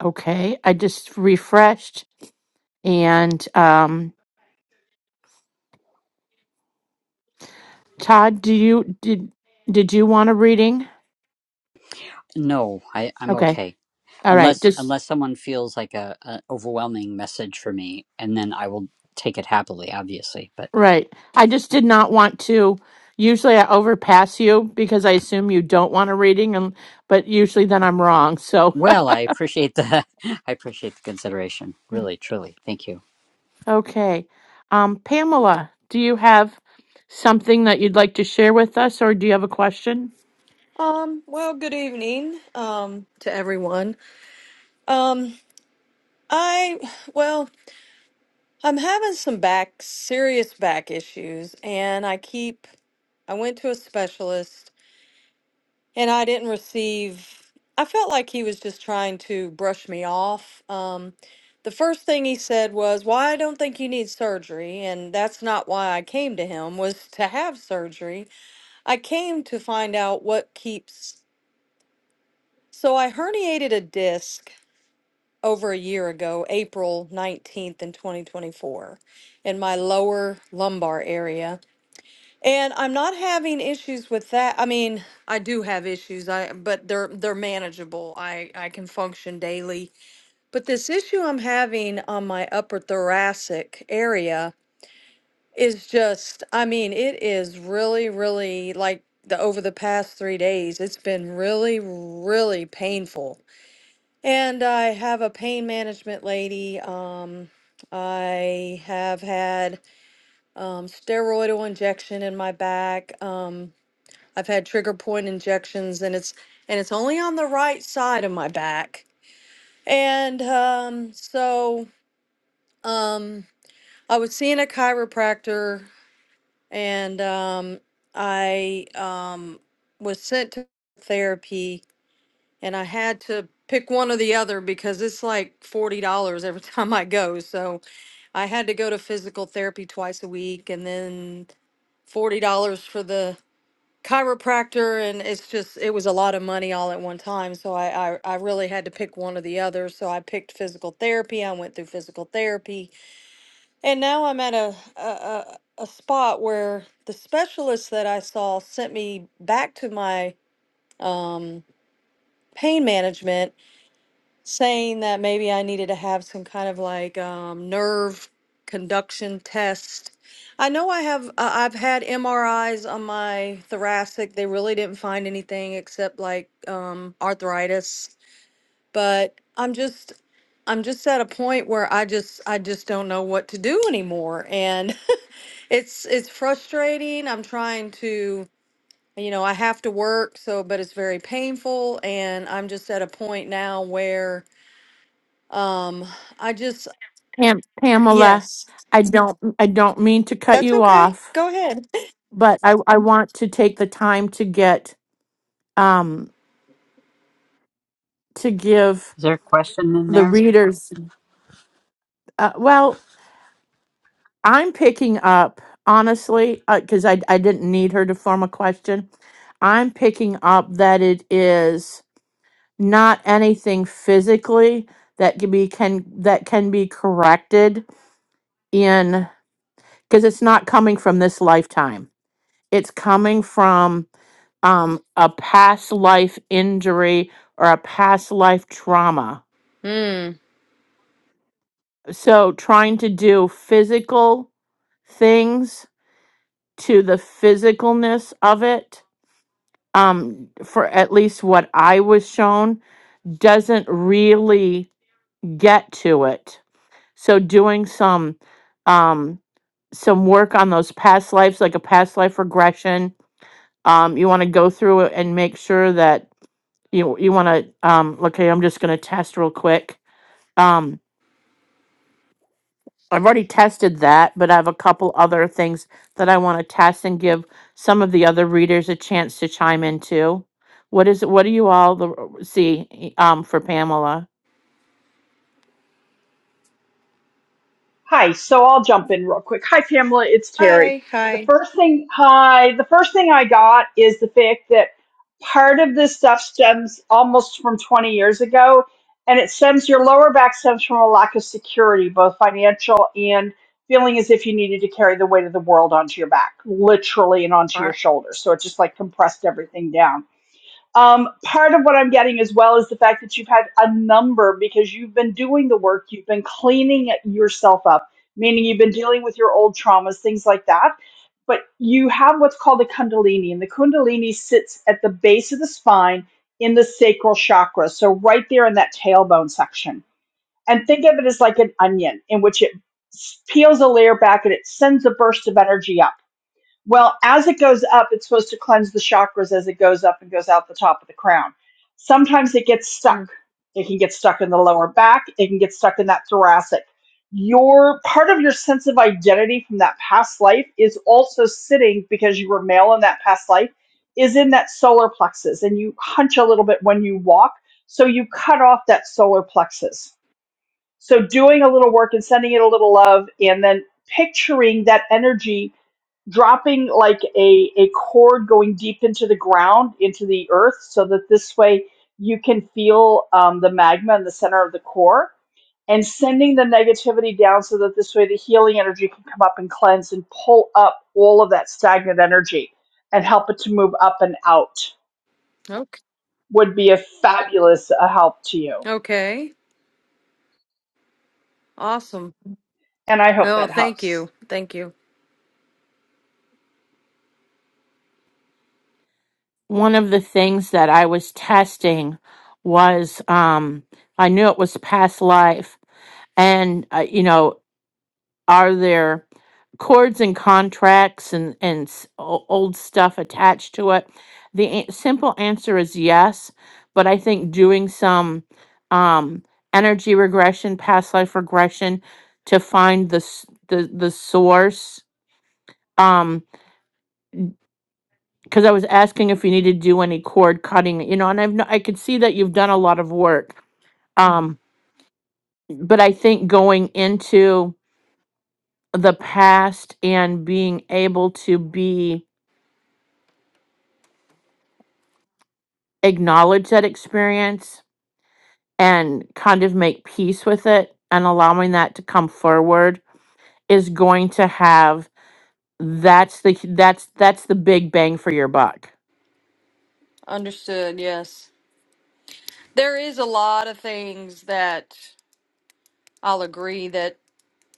Speaker 1: okay, I just refreshed and um, Todd, do you did did you want a reading?
Speaker 7: No, I, I'm
Speaker 1: Okay.
Speaker 7: okay.
Speaker 1: All right.
Speaker 7: unless
Speaker 1: Just
Speaker 7: unless someone feels like a, a overwhelming message for me and then i will take it happily obviously but
Speaker 1: right. I just did not want to usually I overpass you because I assume you don't want a reading and but usually then I'm wrong. So
Speaker 7: well i appreciate the i appreciate the consideration really truly thank you
Speaker 1: okay. Um Pamela, do you have something that you'd like to share with us or do you have a question?
Speaker 8: Um, well, good evening, um, to everyone. Um, I, well, I'm having some back, serious back issues, and I keep, I went to a specialist and I didn't receive, I felt like he was just trying to brush me off. Um, the first thing he said was, Well, I don't think you need surgery, and that's not why I came to him, was to have surgery. I came to find out what keeps, so I herniated a disc over a year ago, April 19th in 2024, in my lower lumbar area. And I'm not having issues with that. I mean, I do have issues, I but they're they're manageable. I I can function daily. But this issue I'm having on my upper thoracic area is just, I mean, it is really really like the over the past 3 days, it's been really really painful and I have a pain management lady. Um, I have had um, steroidal injection in my back. Um, I've had trigger point injections, and it's and it's only on the right side of my back. And um, so um, I was seeing a chiropractor, and um, I um, was sent to therapy and I had to pick one or the other because it's like forty dollars every time I go. So I had to go to physical therapy twice a week and then forty dollars for the chiropractor and it's just it was a lot of money all at one time. So I, I, I really had to pick one or the other. So I picked physical therapy. I went through physical therapy and now I'm at a a, a a spot where the specialist that I saw sent me back to my um, pain management saying that maybe I needed to have some kind of like um, nerve conduction test. I know I have uh, I've had MRIs on my thoracic. They really didn't find anything except like um, arthritis, but I'm just I'm just at a point where I just I just don't know what to do anymore and it's it's frustrating. I'm trying to you know, I have to work so but it's very painful and I'm just at a point now where um, I just,
Speaker 1: Pam Pamela,
Speaker 8: yes,
Speaker 1: I don't I don't mean to cut
Speaker 8: that's
Speaker 1: you
Speaker 8: okay.
Speaker 1: off,
Speaker 8: Go ahead.
Speaker 1: but I, I want to take the time to get um, to give
Speaker 7: is there a question in
Speaker 1: the
Speaker 7: there
Speaker 1: readers. Uh, well, I'm picking up, honestly, because I, I didn't need her to form a question. I'm picking up that it is not anything physically that can be can that can be corrected in because it's not coming from this lifetime. It's coming from um, a past life injury or a past life trauma
Speaker 8: Hmm.
Speaker 1: so trying to do physical things to the physicalness of it um for at least what i was shown doesn't really get to it so doing some um some work on those past lives like a past life regression um you want to go through it and make sure that you you want to um okay i'm just going to test real quick um. I've already tested that, but I have a couple other things that I want to test and give some of the other readers a chance to chime in too. What is what do you all the- see e- um, for Pamela?
Speaker 2: Hi, so I'll jump in real quick. Hi, Pamela, it's Terry.
Speaker 8: Hi,
Speaker 2: The
Speaker 8: hi.
Speaker 2: first thing, hi, the first thing I got is the fact that part of this stuff stems almost from 20 years ago, and it stems, your lower back stems from a lack of security, both financial and feeling as if you needed to carry the weight of the world onto your back, literally, and onto
Speaker 8: I-
Speaker 2: your shoulders. So it just like compressed everything down um, part of what I'm getting as well is the fact that you've had a number because you've been doing the work, you've been cleaning yourself up, meaning you've been dealing with your old traumas, things like that. But you have what's called a Kundalini, and the Kundalini sits at the base of the spine in the sacral chakra. So, right there in that tailbone section. And think of it as like an onion in which it peels a layer back and it sends a burst of energy up well, as it goes up, it's supposed to cleanse the chakras as it goes up and goes out the top of the crown. Sometimes it gets stuck.
Speaker 8: mm,
Speaker 2: It can get stuck in the lower back, it can get stuck in that thoracic. Your part of your sense of identity from that past life is also sitting because you were male in that past life, is in that solar plexus, and you hunch a little bit when you walk. So you cut off that solar plexus. So doing a little work and sending it a little love, and then picturing that energy dropping like a, a cord going deep into the ground, into the earth, so that this way you can feel um, the magma in the center of the core and sending the negativity down so that this way the healing energy can come up and cleanse and pull up all of that stagnant energy and help it to move up and out
Speaker 8: Okay.
Speaker 2: would be a fabulous uh, help to you.
Speaker 8: Okay. Awesome.
Speaker 2: And I hope
Speaker 8: Oh,
Speaker 2: that
Speaker 8: thank
Speaker 2: helps.
Speaker 8: you. Thank you.
Speaker 1: One of the things that I was testing was um, I knew it was past life, and uh, you know, are there? cords and contracts and and s- o- old stuff attached to it? The a- simple answer is yes, but I think doing some um, energy regression, past life regression, to find the s- the the source. Um, because I was asking if you need to do any cord cutting, you know, and I've no, I could see that you've done a lot of work.
Speaker 8: Mhm.
Speaker 1: Um, but I think going into the past and being able to be acknowledge that experience and kind of make peace with it and allowing that to come forward is going to have that's the that's that's the big bang for your buck
Speaker 8: Understood. Yes. There is a lot of things that I'll agree that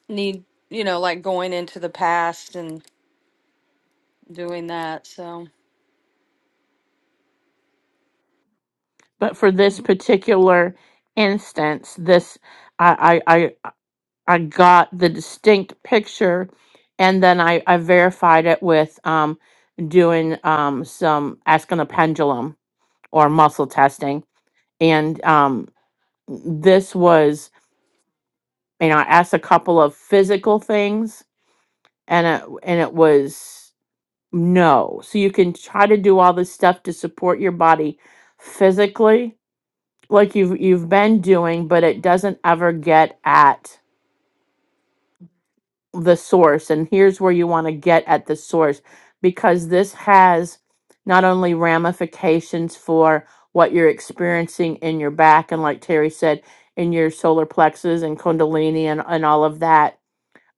Speaker 8: need, you know, like going into the past and doing that. So,
Speaker 1: but for this particular instance this i i i, I got the distinct picture and then i i verified it with um doing um some asking a pendulum or muscle testing and um this was and I asked a couple of physical things, and it, and it was no. So you can try to do all this stuff to support your body physically, like you've you've been doing, but it doesn't ever get at the source. And here's where you want to get at the source, because this has not only ramifications for what you're experiencing in your back, and like Terry said, in your solar plexus and kundalini and, and all of that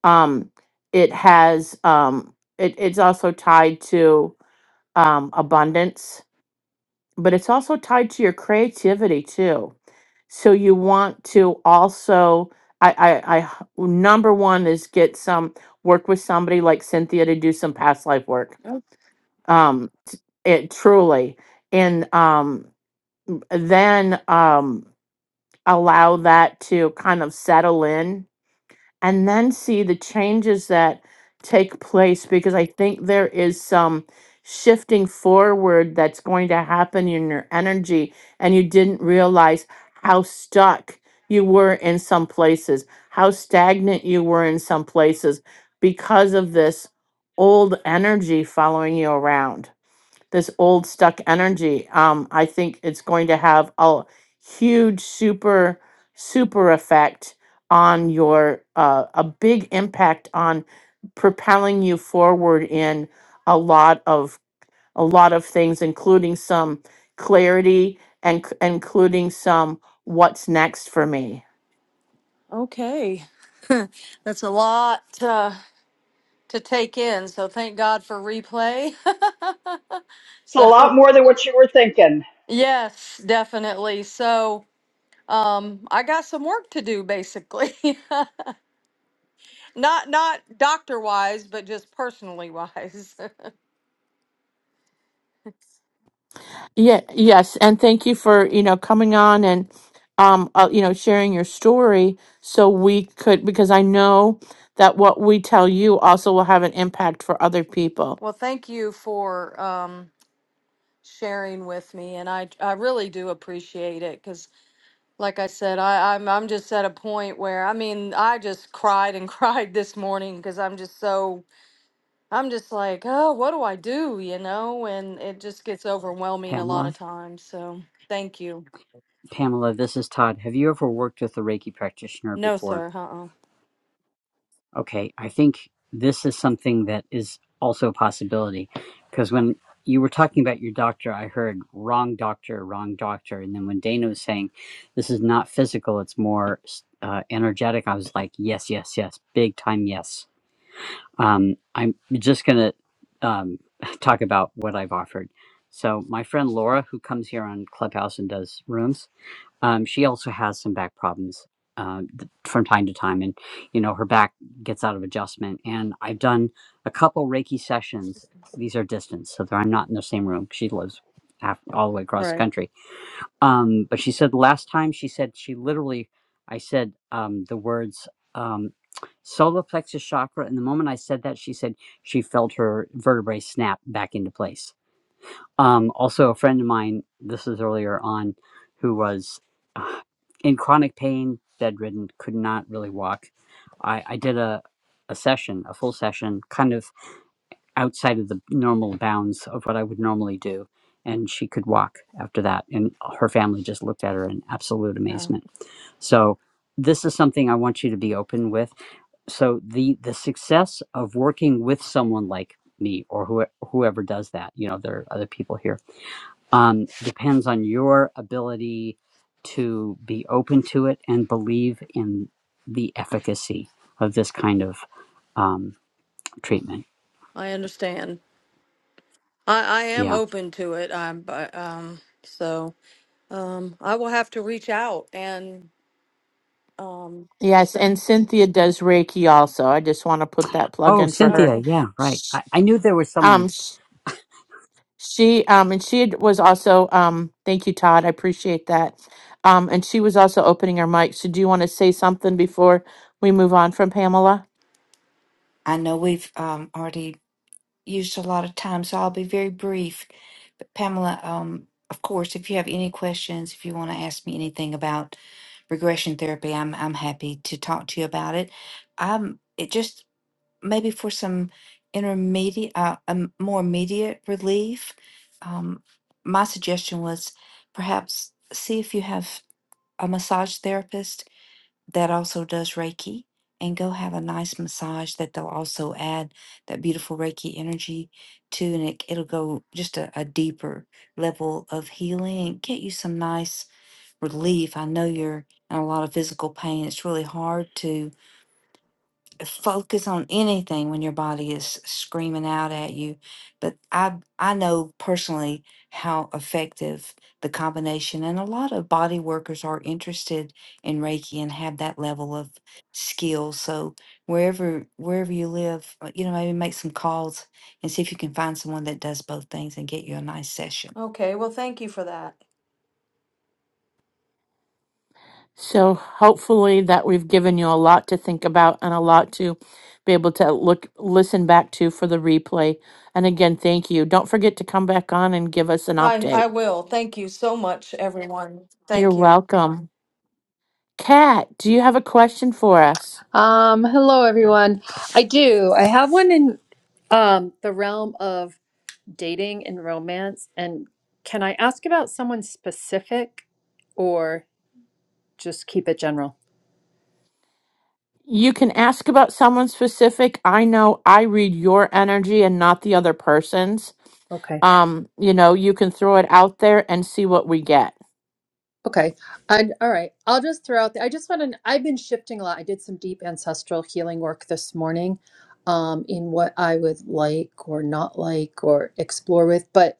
Speaker 1: Um, it has um, it, it's also tied to um, abundance, but it's also tied to your creativity too. So you want to also, I, I, I h- number one is get some work with somebody like Cynthia to do some past life work.
Speaker 8: Oh,
Speaker 1: Um, t- it truly, and um, then um, allow that to kind of settle in and then see the changes that take place because I think there is some shifting forward that's going to happen in your energy, and you didn't realize how stuck you were in some places, how stagnant you were in some places because of this old energy following you around this old stuck energy. Um, I think it's going to have a huge super super effect on your uh, a big impact on propelling you forward in a lot of a lot of things, including some clarity and c- including some what's next for me.
Speaker 8: okay. That's a lot uh, to take in. So, thank God for replay.
Speaker 2: It's a
Speaker 8: so,
Speaker 2: lot more than what you were thinking.
Speaker 8: Yes, definitely. So, um, I got some work to do basically. Not not doctor wise, but just personally wise.
Speaker 1: Yeah, yes, and thank you for, you know, coming on and um uh, you know, sharing your story so we could because I know that what we tell you also will have an impact for other people.
Speaker 8: Well, thank you for um, sharing with me, and I I really do appreciate it because, like I said, I I'm I'm just at a point where I mean I just cried and cried this morning because I'm just so I'm just like oh what do I do you know, and it just gets overwhelming a lot of
Speaker 7: pamela
Speaker 8: times. So thank you.
Speaker 7: pamela this is todd have you ever worked with a reiki practitioner
Speaker 8: No,
Speaker 7: before
Speaker 8: sir. Uh-uh.
Speaker 7: Okay, I think this is something that is also a possibility because when you were talking about your doctor, I heard wrong doctor, wrong doctor. And then when Dana was saying this is not physical, it's more uh, energetic, I was like, yes, yes, yes, big time, yes. Um, I'm just going to um, talk about what I've offered. So, my friend Laura, who comes here on Clubhouse and does rooms, um, she also has some back problems um, th- from time to time, and you know her back gets out of adjustment. And I've done a couple Reiki sessions. These are distance, so they're- I'm not in the same room. She lives half, all the way across the
Speaker 8: Right.
Speaker 7: country. Um, but she said the last time she said she literally, I said um, the words. Um, solar plexus chakra and the moment i said that she said she felt her vertebrae snap back into place um, also, a friend of mine, this is earlier on, who was uh, in chronic pain, bedridden, could not really walk. I, I did a, a session, a full session, kind of outside of the normal bounds of what I would normally do. And she could walk after that. And her family just looked at her in absolute
Speaker 8: No.
Speaker 7: amazement. So, this is something I want you to be open with so the the success of working with someone like me or who, whoever does that you know there are other people here um, depends on your ability to be open to it and believe in the efficacy of this kind of um, treatment.
Speaker 8: I understand. I, I am
Speaker 7: Yeah.
Speaker 8: open to it. I'm, but, um, so, um, I will have to reach out and, um,
Speaker 1: Yes,
Speaker 8: so,
Speaker 1: and Cynthia does Reiki also. I just want to put that plug
Speaker 7: Oh,
Speaker 1: in for her.
Speaker 7: Cynthia.
Speaker 8: okay.
Speaker 7: Yeah, right.
Speaker 1: Sh-
Speaker 7: I, I knew there was someone.
Speaker 1: Um, sh- she um, and she had- was also um. Thank you, Todd. I appreciate that. Um, and she was also opening her mic. So, do you want to say something before we move on from Pamela?
Speaker 4: I know we've um, already used a lot of time, so I'll be very brief. But Pamela, um, of course, if you have any questions, if you want to ask me anything about regression therapy, I'm I'm happy to talk to you about it. Um, it just maybe for some intermediate, uh, um, more immediate relief. Um, my suggestion was perhaps see if you have a massage therapist that also does Reiki and go have a nice massage that they'll also add that beautiful Reiki energy to. And it, it'll go just a, a deeper level of healing and get you some nice relief. I know you're in a lot of physical pain. It's really hard to focus on anything when your body is screaming out at you but i i know personally how effective the combination and a lot of body workers are interested in reiki and have that level of skill so wherever wherever you live uh, you know maybe make some calls and see if you can find someone that does both things and get you a nice session.
Speaker 8: Okay. Well, thank you for that.
Speaker 1: So hopefully that we've given you a lot to think about and a lot to be able to look listen back to for the replay. And again, thank you. Don't forget to come back on and give us an
Speaker 8: I, I
Speaker 1: update.
Speaker 8: will. Thank you so much, everyone.
Speaker 1: You're
Speaker 8: Thank you.
Speaker 1: welcome. Kat, do you have a question for us?
Speaker 6: Um, hello everyone. I do. I have one in um the realm of dating and romance. And can I ask about someone specific or just keep it general?
Speaker 1: You can ask about someone specific. I know I read your energy and not the other person's.
Speaker 6: Okay.
Speaker 1: Um, you know, you can throw it out there and see what we get.
Speaker 6: Okay. And all right. I'll just throw out there. I just want to, I've been shifting a lot. I did some deep ancestral healing work this morning um, in what I would like or not like or explore with. But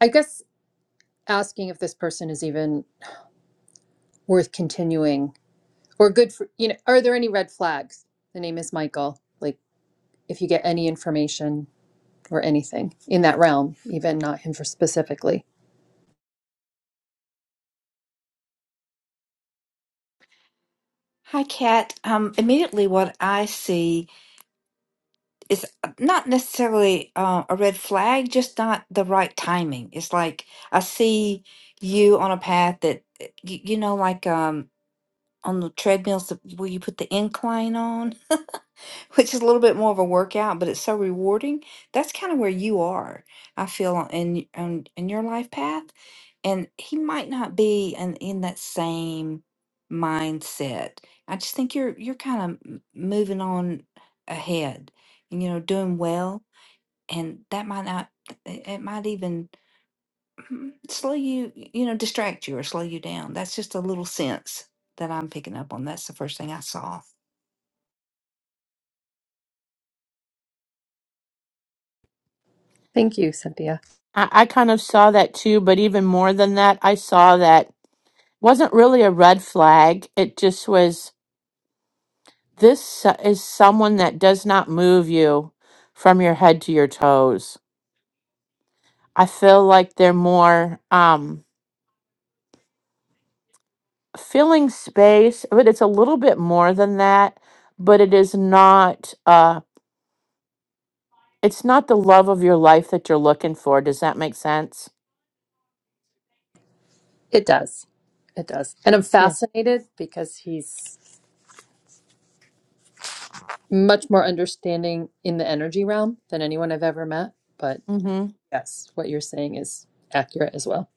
Speaker 6: I guess asking if this person is even worth continuing or good for, you know, are there any red flags? The name is Michael. Like, if you get any information or anything in that realm, even not him for specifically.
Speaker 4: Hi, Kat. Um, immediately, what I see is not necessarily uh, a red flag, just not the right timing. It's like I see you on a path that, y- you know, like um, on the treadmills that- where you put the incline on, which is a little bit more of a workout, but it's so rewarding. That's kind of where you are, I feel, on- in y- on, in your life path. And he might not be in, in that same mindset. I just think you're you're kind of moving on ahead, and you know, doing well. And that might not. It it might even Mhm. slow you you know distract you or slow you down that's just a little sense that i'm picking up on that's the first thing i saw
Speaker 6: Thank you, Cynthia.
Speaker 1: I, I kind of saw that too, but even more than that, I saw that wasn't really a red flag. It just was this so, is someone that does not move you from your head to your toes. I feel like they're more um filling space, but it's a little bit more than that, but it is not uh it's not the love of your life that you're looking for. Does that make sense?
Speaker 6: It does. It does. And I'm
Speaker 1: Yeah.
Speaker 6: fascinated because he's much more understanding in the energy realm than anyone I've ever met. But
Speaker 1: Mhm.
Speaker 6: yes, what you're saying is accurate as well.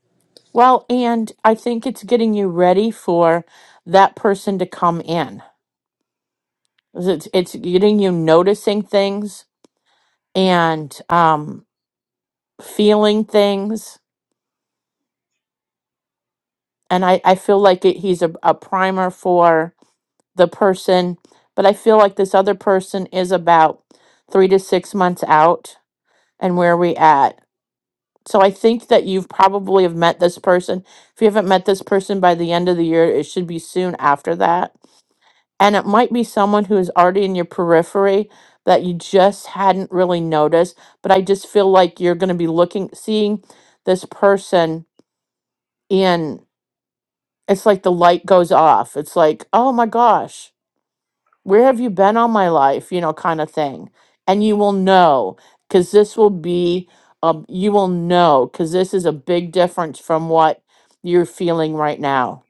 Speaker 1: Well, and I think it's getting you ready for that person to come in. It's it's getting you noticing things and um, feeling things. And I, I feel like it, he's a, a primer for the person, but I feel like this other person is about three to six months out and where we at. So I think that you've probably have met this person. If you haven't met this person by the end of the year, it should be soon after that. And it might be someone who is already in your periphery that you just hadn't really noticed. But I just feel like you're going to be looking, seeing this person and it's like the light goes off. It's like, oh my gosh, where have you been all my life? You know, kind of thing. And you will know because this will be, um, you will know because this is a big difference from what you're feeling right now.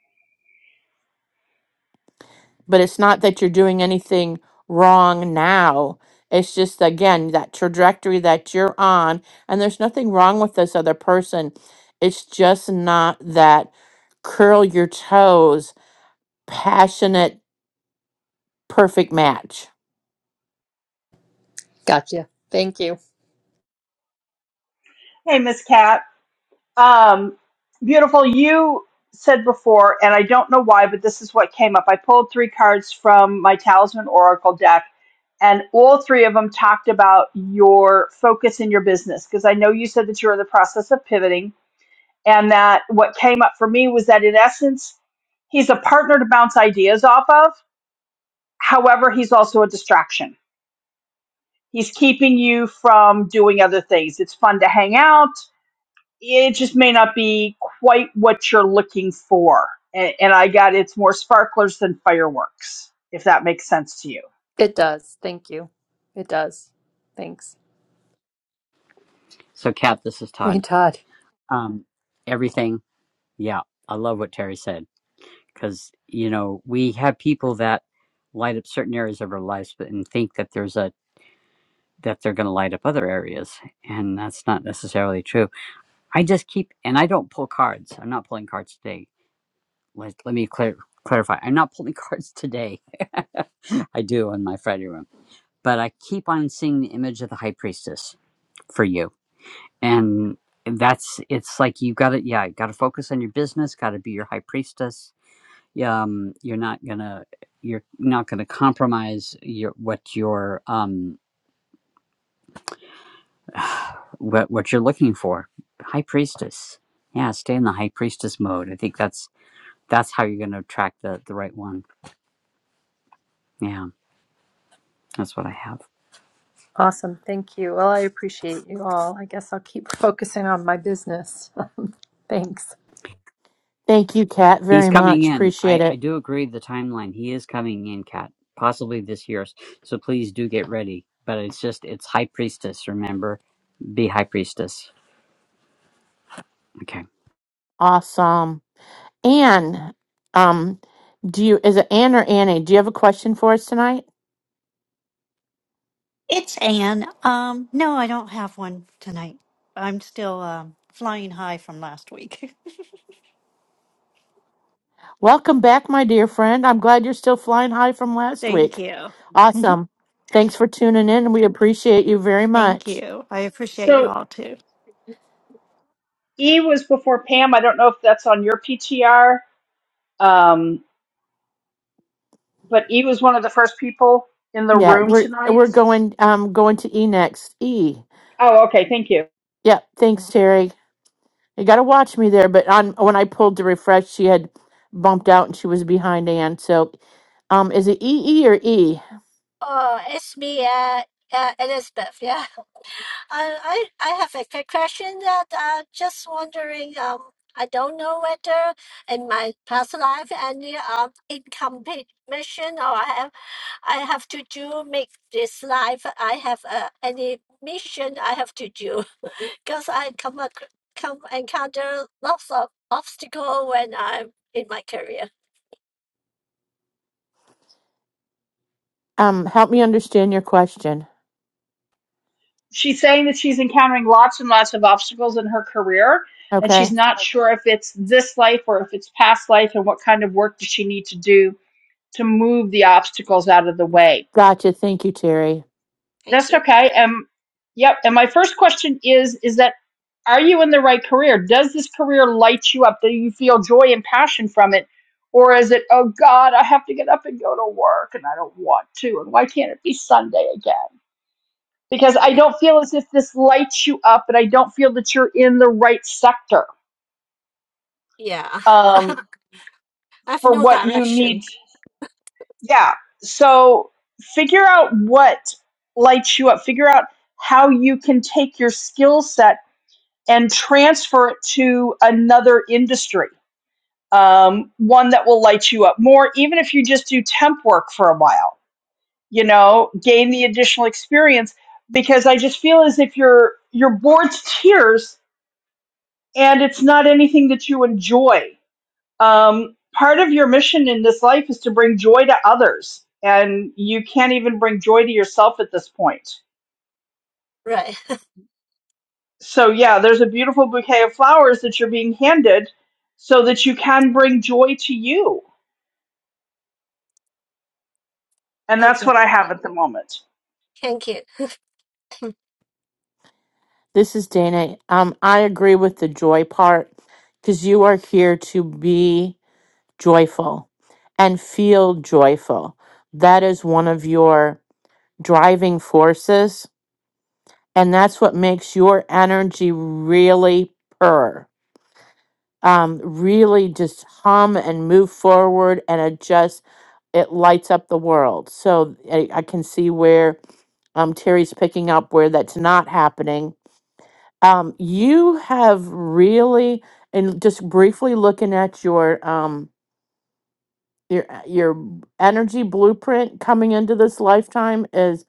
Speaker 1: But it's not that you're doing anything wrong now. It's just, again, that trajectory that you're on. And there's nothing wrong with this other person. It's just not that curl your toes, passionate perfect match.
Speaker 6: Gotcha. Thank you.
Speaker 2: Hey, Miss Cat. Um, beautiful. You said before, and I don't know why, but this is what came up. I pulled three cards from my Talisman Oracle deck, and all three of them talked about your focus in your business. Because I know you said that you're in the process of pivoting, and that what came up for me was that in essence, he's a partner to bounce ideas off of. However, he's also a distraction. He's keeping you from doing other things. It's fun to hang out it just may not be quite what you're looking for. And, and I got it's more sparklers than fireworks, if that makes sense to you.
Speaker 6: It does. Thank you. It does. Thanks.
Speaker 7: So, Kat, this is
Speaker 6: Hey,
Speaker 7: Todd.
Speaker 6: Todd.
Speaker 7: Um, everything. Yeah. I love what Terry said because, you know, we have people that light up certain areas of our lives but, and think that there's a that they're going to light up other areas and that's not necessarily true I just keep and I don't pull cards. I'm not pulling cards today. Let, let me clar- clarify. I'm not pulling cards today. I do in my Friday room, but I keep on seeing the image of the high priestess for you, and that's it's like you got to yeah, you got to focus on your business. Got to be your high priestess. Yeah, Um, you're not gonna you're not gonna compromise your what your um what what you're looking for. High priestess. Yeah, stay in the high priestess mode. I think that's That's how you're going to attract the, the right one. Yeah, that's what I have.
Speaker 6: Awesome. Thank you. Well, I appreciate you all. I guess I'll keep focusing on my business. Thanks.
Speaker 1: Thank you, Kat,
Speaker 7: He's
Speaker 1: very
Speaker 7: coming
Speaker 1: much.
Speaker 7: in.
Speaker 1: Appreciate
Speaker 7: I, I
Speaker 1: it.
Speaker 7: do agree with the timeline. He is coming in, Kat, possibly this year. So please do get ready. But it's just, it's High Priestess, remember? Be High Priestess. Okay.
Speaker 1: Awesome. Anne, um, do you is it Anne or Annie? Do you have a question for us tonight?
Speaker 9: It's Anne. Um, no, I don't have one tonight. I'm still um, flying high from last week.
Speaker 1: Welcome back, my dear friend. I'm glad you're still flying high from last
Speaker 9: Thank
Speaker 1: week.
Speaker 9: you.
Speaker 1: Awesome. Thanks for tuning in. We appreciate you very
Speaker 9: Thank
Speaker 1: much.
Speaker 9: you. I appreciate you
Speaker 2: So
Speaker 9: all too.
Speaker 2: E was before Pam. I don't know if that's on your PTR, um, but E was one of the first people in the
Speaker 1: Yeah,
Speaker 2: room
Speaker 1: we're we're
Speaker 2: tonight.
Speaker 1: going um going to E next. E.
Speaker 2: Oh, okay. Thank you.
Speaker 1: Yep. Thanks, Terry. You gotta watch me there, but on when I pulled to refresh, she had bumped out and she was behind Ann. So, um, is it E E or E?
Speaker 3: oh, it's me, uh, uh, Elizabeth. Yeah. I, I I have a quick question that uh, just wondering. Um, I don't know whether in my past life any um incomplete mission or I have I have to do make this life. I have uh, any mission I have to do because I come ac- come encounter lots of obstacle when I'm in my career.
Speaker 1: Um, help me understand your question.
Speaker 2: She's saying that she's encountering lots and lots of obstacles in her career, and she's
Speaker 1: Okay,
Speaker 2: not sure if it's this life or if it's past life and what kind of work does she need to do to move the obstacles out of the way.
Speaker 1: gotcha. Thank you, Terry.
Speaker 3: Thank
Speaker 2: That's
Speaker 3: you.
Speaker 2: okay. Um, yep. And my first question is: is that are you in the right career? Does this career light you up? Do you feel joy and passion from it, or is it oh God, I have to get up and go to work, and I don't want to, and why can't it be Sunday again? Because I
Speaker 3: Yeah,
Speaker 2: don't feel as if this lights you up, and I don't feel that you're in the right sector
Speaker 3: yeah. I
Speaker 2: um,
Speaker 3: have
Speaker 2: for
Speaker 3: no
Speaker 2: what you
Speaker 3: direction.
Speaker 2: need Yeah. So figure out what lights you up. Figure out how you can take your skill set and transfer it to another industry, um, one that will light you up more, even if you just do temp work for a while. You know, gain the additional experience because I just feel as if you're you're bored to tears and it's not anything that you enjoy um, part of your mission in this life is to bring joy to others and you can't even bring joy to yourself at this point
Speaker 3: Right.
Speaker 2: so yeah there's a beautiful bouquet of flowers that you're being handed so that you can bring joy to you and that's
Speaker 3: Okay.
Speaker 2: what i have at the moment
Speaker 3: Thank you.
Speaker 1: This is Dana. Um, I agree with the joy part because you are here to be joyful and feel joyful. That is one of your driving forces, and that's what makes your energy really purr um, really just hum and move forward and adjust. It lights up the world. So I, I can see where um, Terry's picking up where that's not happening. Um, you have really, and just briefly looking at your um, your your energy blueprint coming into this lifetime is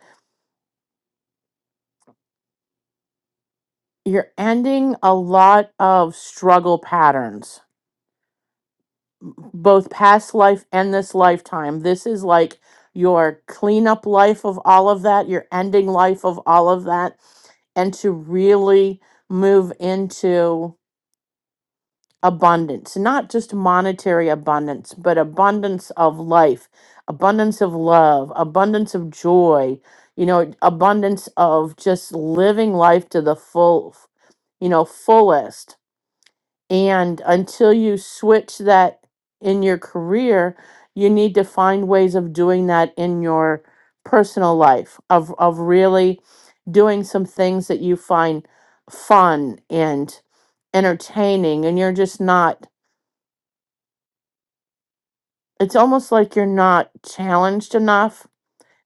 Speaker 1: you're ending a lot of struggle patterns both past life and this lifetime. This is like your cleanup life of all of that, your ending life of all of that, and to really move into abundance, not just monetary abundance, but abundance of life, abundance of love, abundance of joy, you know, abundance of just living life to the full, you know, fullest and until you switch that in your career, you need to find ways of doing that in your personal life, of, of really doing some things that you find fun and entertaining. And you're just not, it's almost like you're not challenged enough.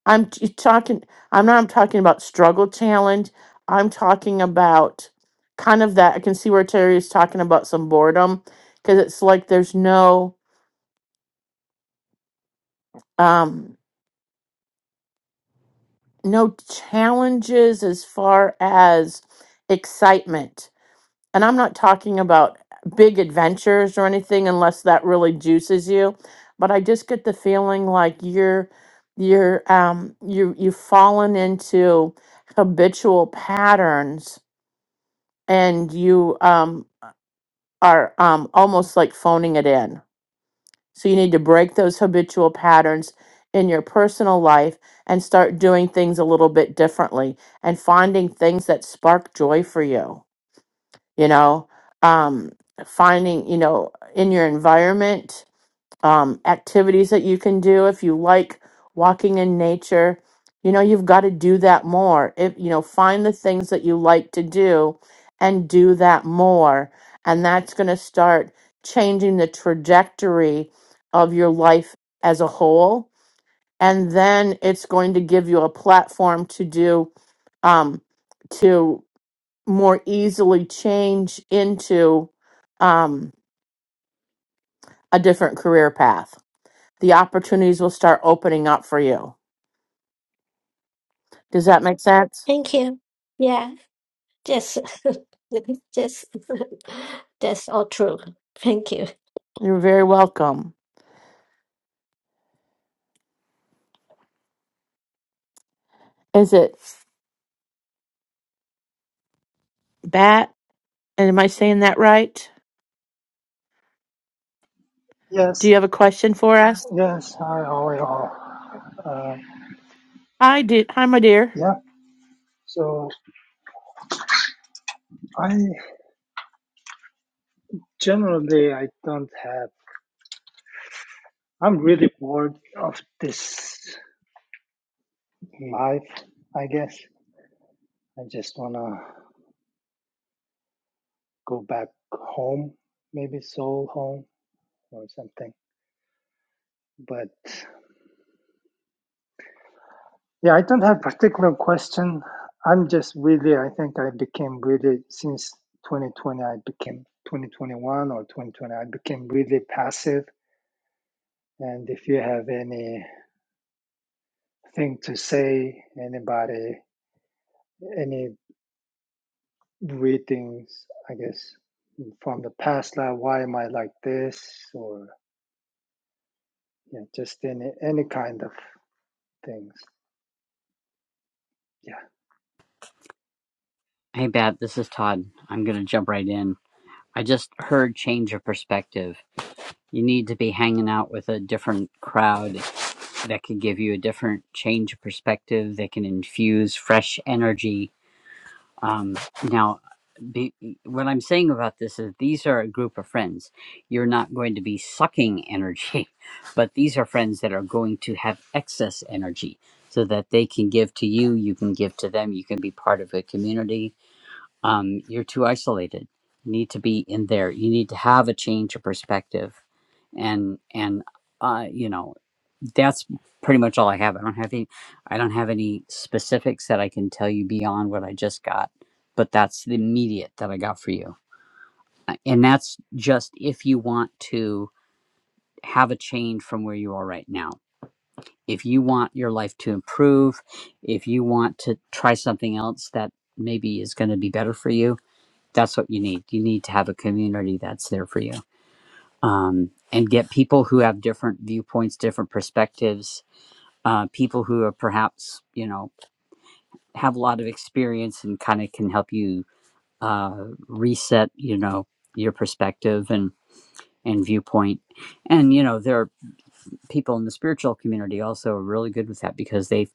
Speaker 1: I'm t- talking, I'm not talking about struggle challenge. I'm talking about kind of that. I can see where Terry is talking about some boredom because it's like there's no, um, no challenges as far as excitement. And I'm not talking about big adventures or anything unless that really juices you. But I just get the feeling like you're you're um you you've fallen into habitual patterns and you um are um almost like phoning it in So you need to break those habitual patterns in your personal life and start doing things a little bit differently and finding things that spark joy for you, you know, um, finding, you know, in your environment um, activities that you can do if you like walking in nature you know you've got to do that more if you know find the things that you like to do and do that more and that's going to start changing the trajectory of your life as a whole and then it's going to give you a platform to do um, to more easily change into um, a different career path the opportunities will start opening up for you. Does that make sense?
Speaker 3: Thank you. Yeah. Yes, yes, that's all true. Thank you.
Speaker 1: You're very welcome. Is it Bat? And am I saying that right? Do you
Speaker 10: Yes,
Speaker 1: have a question for us?
Speaker 10: yes, I how are all? Uh,
Speaker 1: Hi, de- hi, my dear.
Speaker 10: yeah, so I generally I don't have. I'm really bored of this life. I guess I just wanna go back home, maybe soul home or something. But yeah, I don't have particular question. I'm just really. I think I became really since 2020. I became 2021 or 2020. I became really passive. And if you have any thing to say anybody any readings i guess from the past life. why am i like this or yeah, just any any kind of things yeah
Speaker 7: Hey, Bat, this is Todd. I'm going to jump right in. I just heard change of perspective. You need to be hanging out with a different crowd that can give you a different change of perspective, that can infuse fresh energy Um, now, the, what I'm saying about this is these are a group of friends. You're not going to be sucking energy, but these are friends that are going to have excess energy so that they can give to you, you can give to them, you can be part of a community. Um, you're too isolated. You need to be in there. You need to have a change of perspective. And, and, uh, you know, that's pretty much all I have. I don't have any I don't have any specifics that I can tell you beyond what I just got, but that's the immediate that I got for you. Uh, And that's just if you want to have a change from where you are right now. If you want your life to improve, if you want to try something else that maybe is going to be better for you, that's what you need. You need to have a community that's there for you. Um, and get people who have different viewpoints, different perspectives, uh, people who are perhaps you know have a lot of experience and kind of can help you uh, reset you know your perspective and and viewpoint and you know there are people in the spiritual community also are really good with that because they've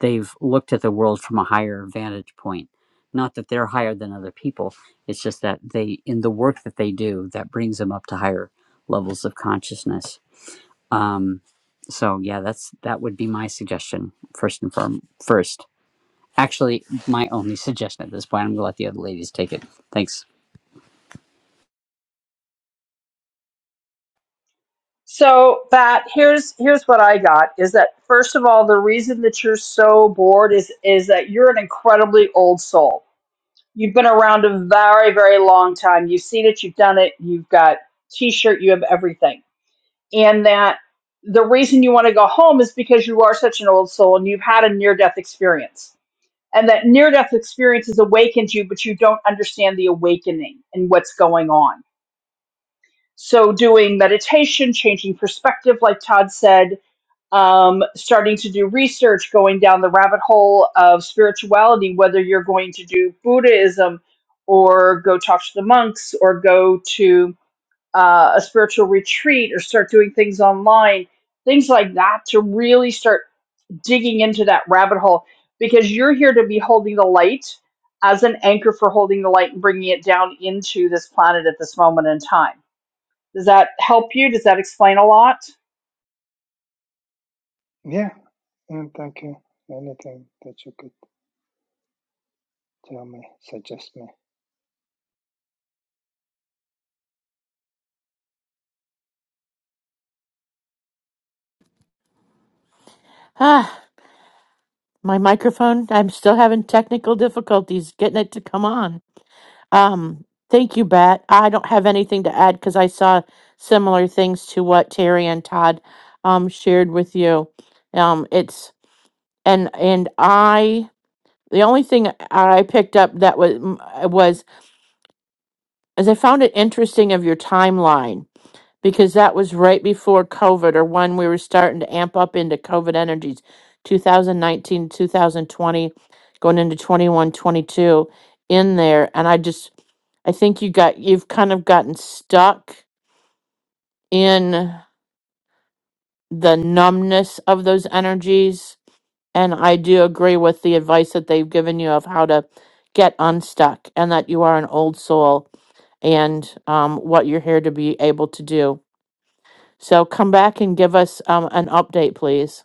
Speaker 7: they've looked at the world from a higher vantage point not that they're higher than other people it's just that they in the work that they do that brings them up to higher levels of consciousness um, so yeah that's that would be my suggestion first and firm, first Actually, my only suggestion at this point, I'm going to let the other ladies take it. Thanks.
Speaker 2: so that here's here's what i got is that first of all the reason that you're so bored is is that you're an incredibly old soul you've been around a very very long time you've seen it you've done it you've got t-shirt you have everything and that the reason you want to go home is because you are such an old soul and you've had a near death experience. And that near death experience has awakened you, but you don't understand the awakening and what's going on. So, doing meditation, changing perspective, like Todd said, um, starting to do research, going down the rabbit hole of spirituality, whether you're going to do Buddhism or go talk to the monks or go to uh, a spiritual retreat or start doing things online, things like that to really start digging into that rabbit hole because you're here to be holding the light as an anchor for holding the light and bringing it down into this planet at this moment in time. Does that help you? Does that explain a lot?
Speaker 10: yeah and thank you anything that you could tell me suggest me
Speaker 1: Ah, my microphone. I'm still having technical difficulties getting it to come on. Um, thank you, Bat. I don't have anything to add because I saw similar things to what Terry and Todd um, shared with you. Um, it's and and I The only thing I picked up that was was as I found it interesting of your timeline because that was right before COVID or when we were starting to amp up into COVID energies, 2019, 2020, going into 21, 22 in there and I just I think you got you've kind of gotten stuck in the numbness of those energies And I do agree with the advice that they've given you of how to get unstuck and that you are an old soul and um, what you're here to be able to do. So come back and give us um, an update, please.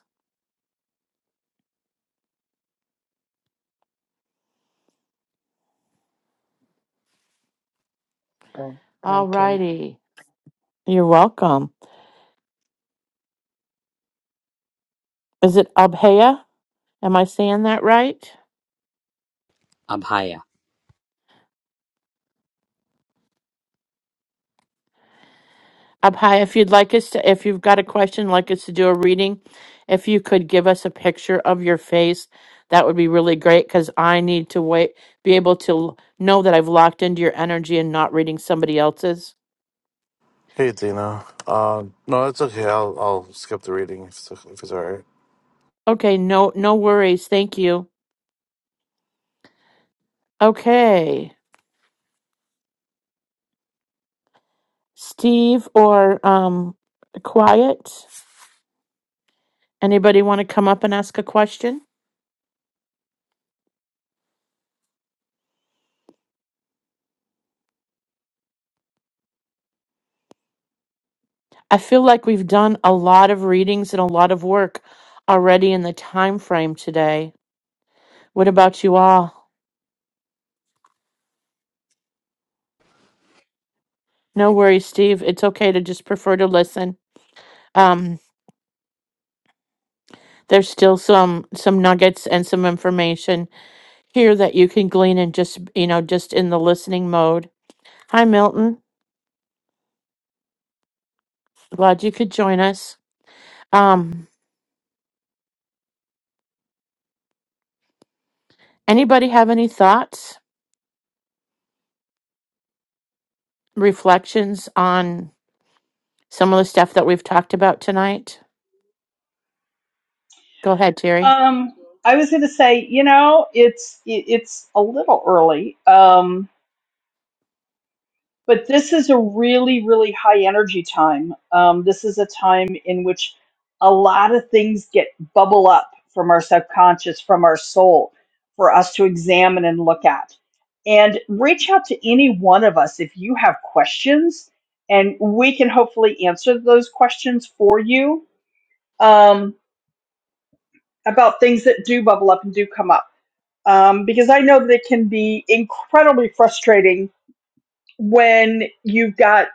Speaker 10: thank,
Speaker 1: All
Speaker 10: thank you
Speaker 1: righty. You're welcome. Is it Abhaya? Am I saying that right?
Speaker 7: Abhaya.
Speaker 1: Up high, if you'd like us to, if you've got a question, like us to do a reading, if you could give us a picture of your face, that would be really great because I need to wait, be able to l- know that I've locked into your energy and not reading somebody else's.
Speaker 11: Hey, Dina. Uh, no, it's okay. I'll I'll skip the reading if it's, if it's all right.
Speaker 1: Okay, no, no worries. Thank you. Okay, Steve or um, Quiet. Anybody want to come up and ask a question? I feel like we've done a lot of readings and a lot of work already in the time frame today. What about you all? No worries, Steve. It's okay to just prefer to listen. Um, there's still some some nuggets and some information here that you can glean and just you know just in the listening mode. Hi, Milton. Glad you could join us. Um, anybody have any thoughts, reflections on some of the stuff that we've talked about tonight? Go ahead, Terry.
Speaker 2: Um, I was going to say, you know, it's it, it's a little early. Um, But this is a really, really high energy time. Um, this is a time in which a lot of things get bubble up from our subconscious, from our soul, for us to examine and look at. And reach out to any one of us if you have questions, and we can hopefully answer those questions for you um, about things that do bubble up and do come up. Um, because I know that it can be incredibly frustrating when you've got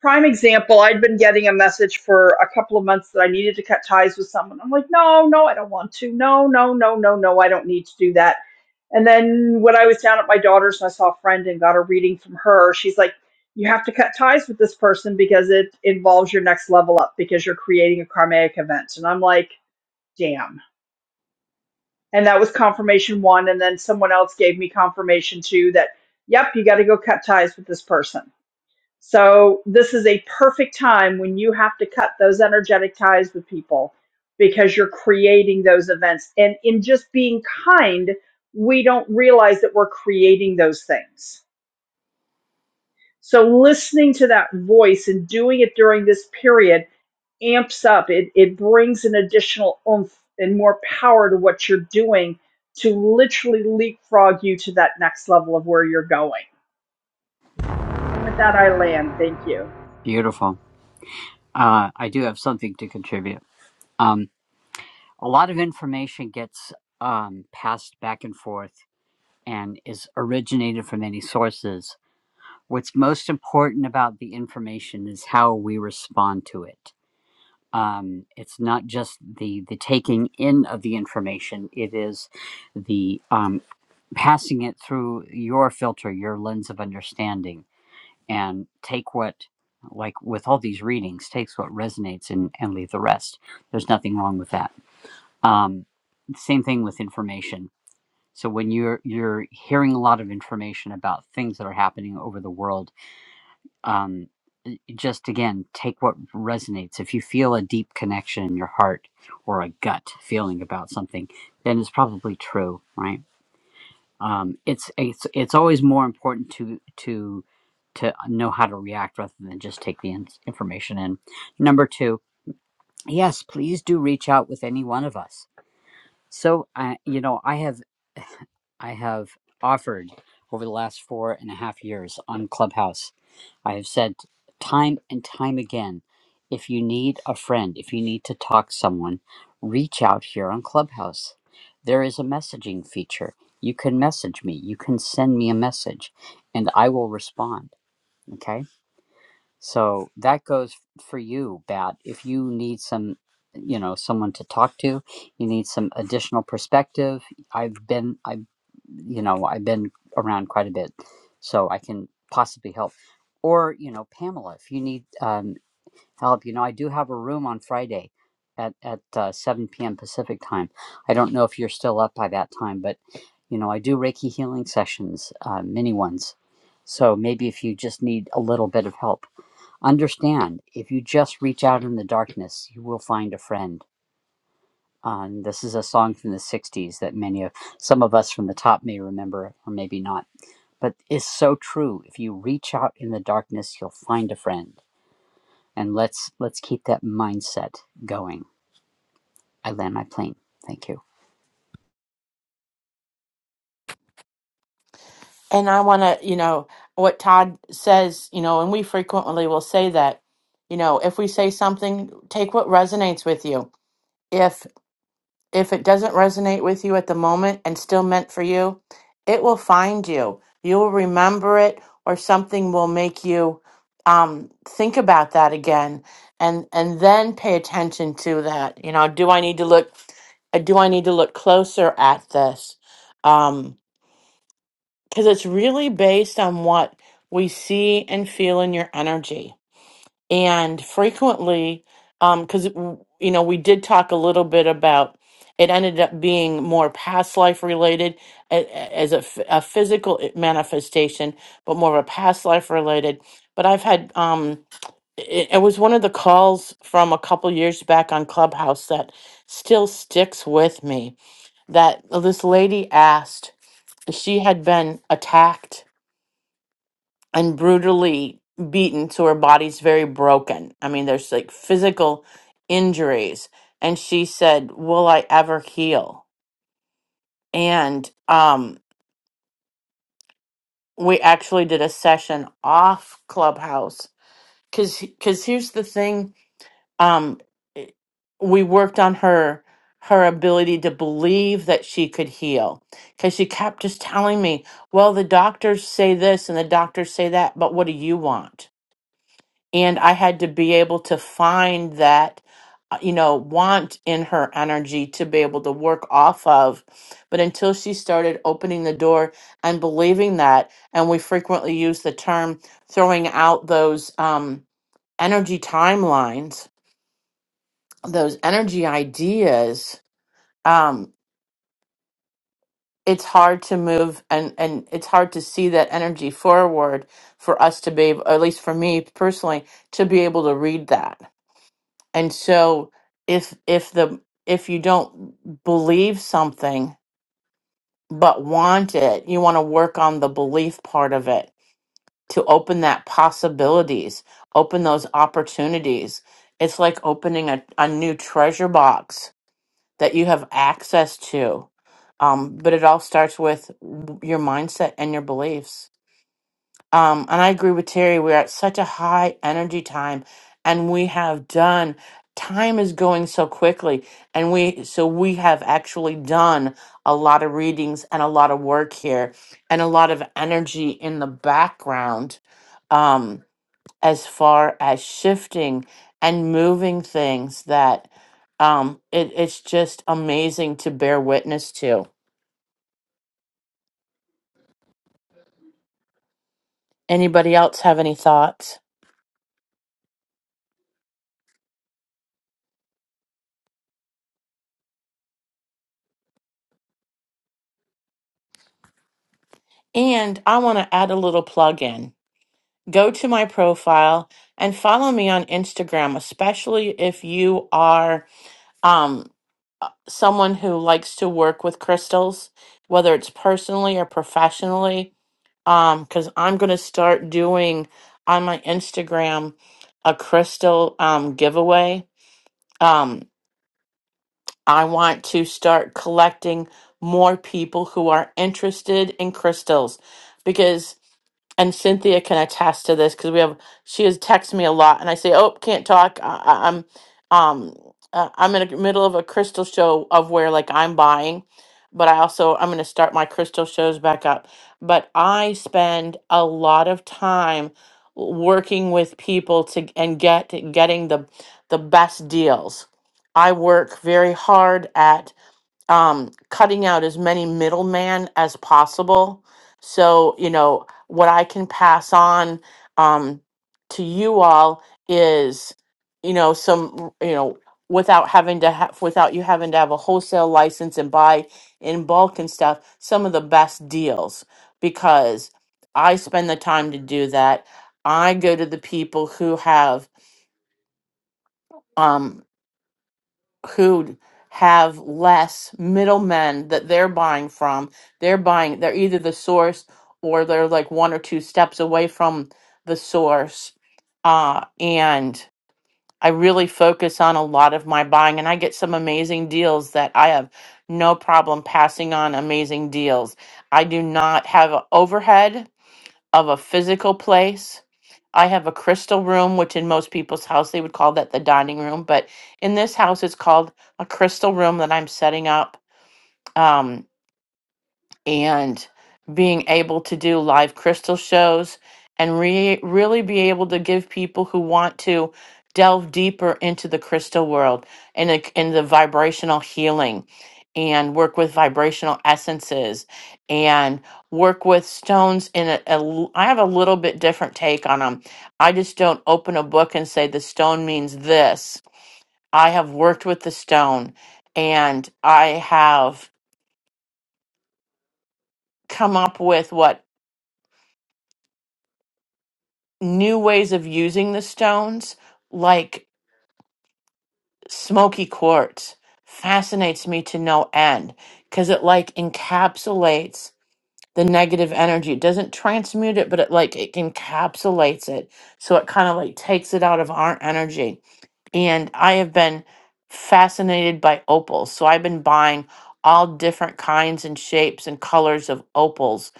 Speaker 2: prime example, I'd been getting a message for a couple of months that I needed to cut ties with someone. I'm like, no, no, I don't want to. No, no, no, no, no, I don't need to do that. And then when I was down at my daughter's and I saw a friend and got a reading from her, she's like, you have to cut ties with this person because it involves your next level up because you're creating a karmic event. And I'm like, damn. And that was confirmation one. And then someone else gave me confirmation two that, yep, you got to go cut ties with this person so this is a perfect time when you have to cut those energetic ties with people because you're creating those events. And in just being kind, we don't realize that we're creating those things. So listening to that voice and doing it during this period amps up. It it brings an additional oomph and more power to what you're doing to literally leapfrog you to that next level of where you're going. And with that I land. Thank you.
Speaker 7: Beautiful. Uh, I do have something to contribute. Um, a lot of information gets um, passed back and forth and is originated from many sources. What's most important about the information is how we respond to it. Um, it's not just the the taking in of the information; it is the um, passing it through your filter, your lens of understanding and take what like with all these readings takes what resonates and, and leave the rest there's nothing wrong with that um, same thing with information so when you're you're hearing a lot of information about things that are happening over the world um, just again take what resonates if you feel a deep connection in your heart or a gut feeling about something then it's probably true right um, it's it's it's always more important to to to know how to react rather than just take the in- information in. Number two, yes, please do reach out with any one of us. So I, you know, I have I have offered over the last four and a half years on Clubhouse I have said time and time again if you need a friend, if you need to talk to someone, reach out here on Clubhouse. There is a messaging feature. You can message me, you can send me a message, and I will respond. Okay. So that goes for you, Bat. If you need some, you know, someone to talk to, you need some additional perspective. I've been, I, you know, I've been around quite a bit, so I can possibly help. Or you know, Pamela, if you need um, help, you know, I do have a room on Friday at at uh, seven p.m. Pacific time. I don't know if you're still up by that time, but you know, I do Reiki healing sessions, uh, mini ones. So maybe if you just need a little bit of help Understand, if you just reach out in the darkness, you will find a friend. Um, this is a song from the 60s that many of some of us from the top may remember or maybe not, but is so true. If you reach out in the darkness, you'll find a friend. And let's let's keep that mindset going. I land my plane. Thank you.
Speaker 1: And I want to, you know, what Todd says, you know, and we frequently will say that, you know, if we say something, take what resonates with you. If If it doesn't resonate with you at the moment and still meant for you, it will find you. You will remember it, or something will make you um, think about that again, and and then pay attention to that. You know, do I need to look? uh, Do I need to look closer at this? Because it's really based on what we see and feel in your energy and frequently um because you know we did talk a little bit about it ended up being more past life related a- a- as a, ph- a physical eh, manifestation but more of a past life related but i've had um it, it was one of the calls from a couple years back on clubhouse that still sticks with me that this lady asked she had been attacked and brutally beaten to her body's very broken. I mean, there's like physical injuries. And she said, Will I ever heal? And um, we actually did a session off Clubhouse because because here's the thing um, i- we worked on her her ability to believe that she could heal because she kept just telling me well the doctors say this and the doctors say that but what do you want and I had to be able to find that, uh, you know, want in her energy to be able to work off of. But until she started opening the door and believing that, and we frequently use the term throwing out those um, energy timelines, those energy ideas. Um, it's hard to move and, and it's hard to see that energy forward for us to be able, at least for me personally, to be able to read that And so if if the if you don't believe something but want it, you want to work on the belief part of it to open that possibilities, open those opportunities. It's like opening a, a new treasure box that you have access to. Um, but it all starts with w- your mindset and your beliefs. Um, and I agree with Terry. We're at such a high energy time, and we have done. Time is going so quickly, and we so we have actually done a lot of readings and a lot of work here, and a lot of energy in the background, um, as far as shifting and moving things. That um, it, it's just amazing to bear witness to. Anybody else have any thoughts? And I want to add a little plug in. Go to my profile and follow me on Instagram, especially if you are um, uh, someone who likes to work with crystals, whether it's personally or professionally. Because I'm going to start doing on my Instagram a crystal um, giveaway. Um, I want to start collecting more people who are interested in crystals because and Cynthia can attest to this because we have she has texted me a lot, and I say, "Oh, can't talk. I, I- I'm, um, uh, I'm in the middle of a crystal show of where like I'm buying, but I also I'm going to start my crystal shows back up. But I spend a lot of time w- working with people to g- and get getting the the best deals. I work very hard at um, cutting out as many middlemen as possible. So, you know, what I can pass on um, to you all is, you know, some, you know, without having to have, without you having to have a wholesale license and buy in bulk and stuff, some of the best deals because I spend the time to do that. I go to the people who have um, who have less middlemen that they're buying from. They're buying, they're either the source or they're like one or two steps away from the source. Uh, and I really focus on a lot of my buying, and I get some amazing deals that I have no problem passing on amazing deals. I do not have a overhead of a physical place. I have a crystal room, which in most people's house they would call that the dining room, but in this house it's called a crystal room that I'm setting up. Um, and being able to do live crystal shows and re- really be able to give people who want to delve deeper into the crystal world and the, and the vibrational healing and work with vibrational essences and work with stones in a, a l- I have a little bit different take on them. I just don't open a book and say the stone means this. I have worked with the stone and I have come up with what new ways of using the stones, like smoky quartz, fascinates me to no end because it like encapsulates the negative energy. It doesn't transmute it, but it like it encapsulates it. So it kind of like takes it out of our energy and I have been fascinated by opals. So I've been buying all different kinds and shapes and colors of opals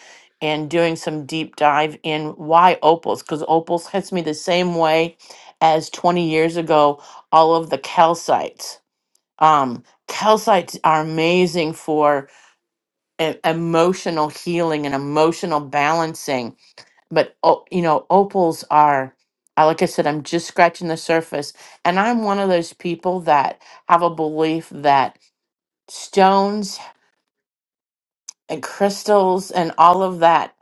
Speaker 1: and doing some deep dive in why opals because opals hits me the same way as 20 years ago all of the calcites um calcites are amazing for e- emotional healing and emotional balancing but oh, you know, opals are, I- like I said, I'm just scratching the surface. And I'm one of those people that have a belief that stones and crystals and all of that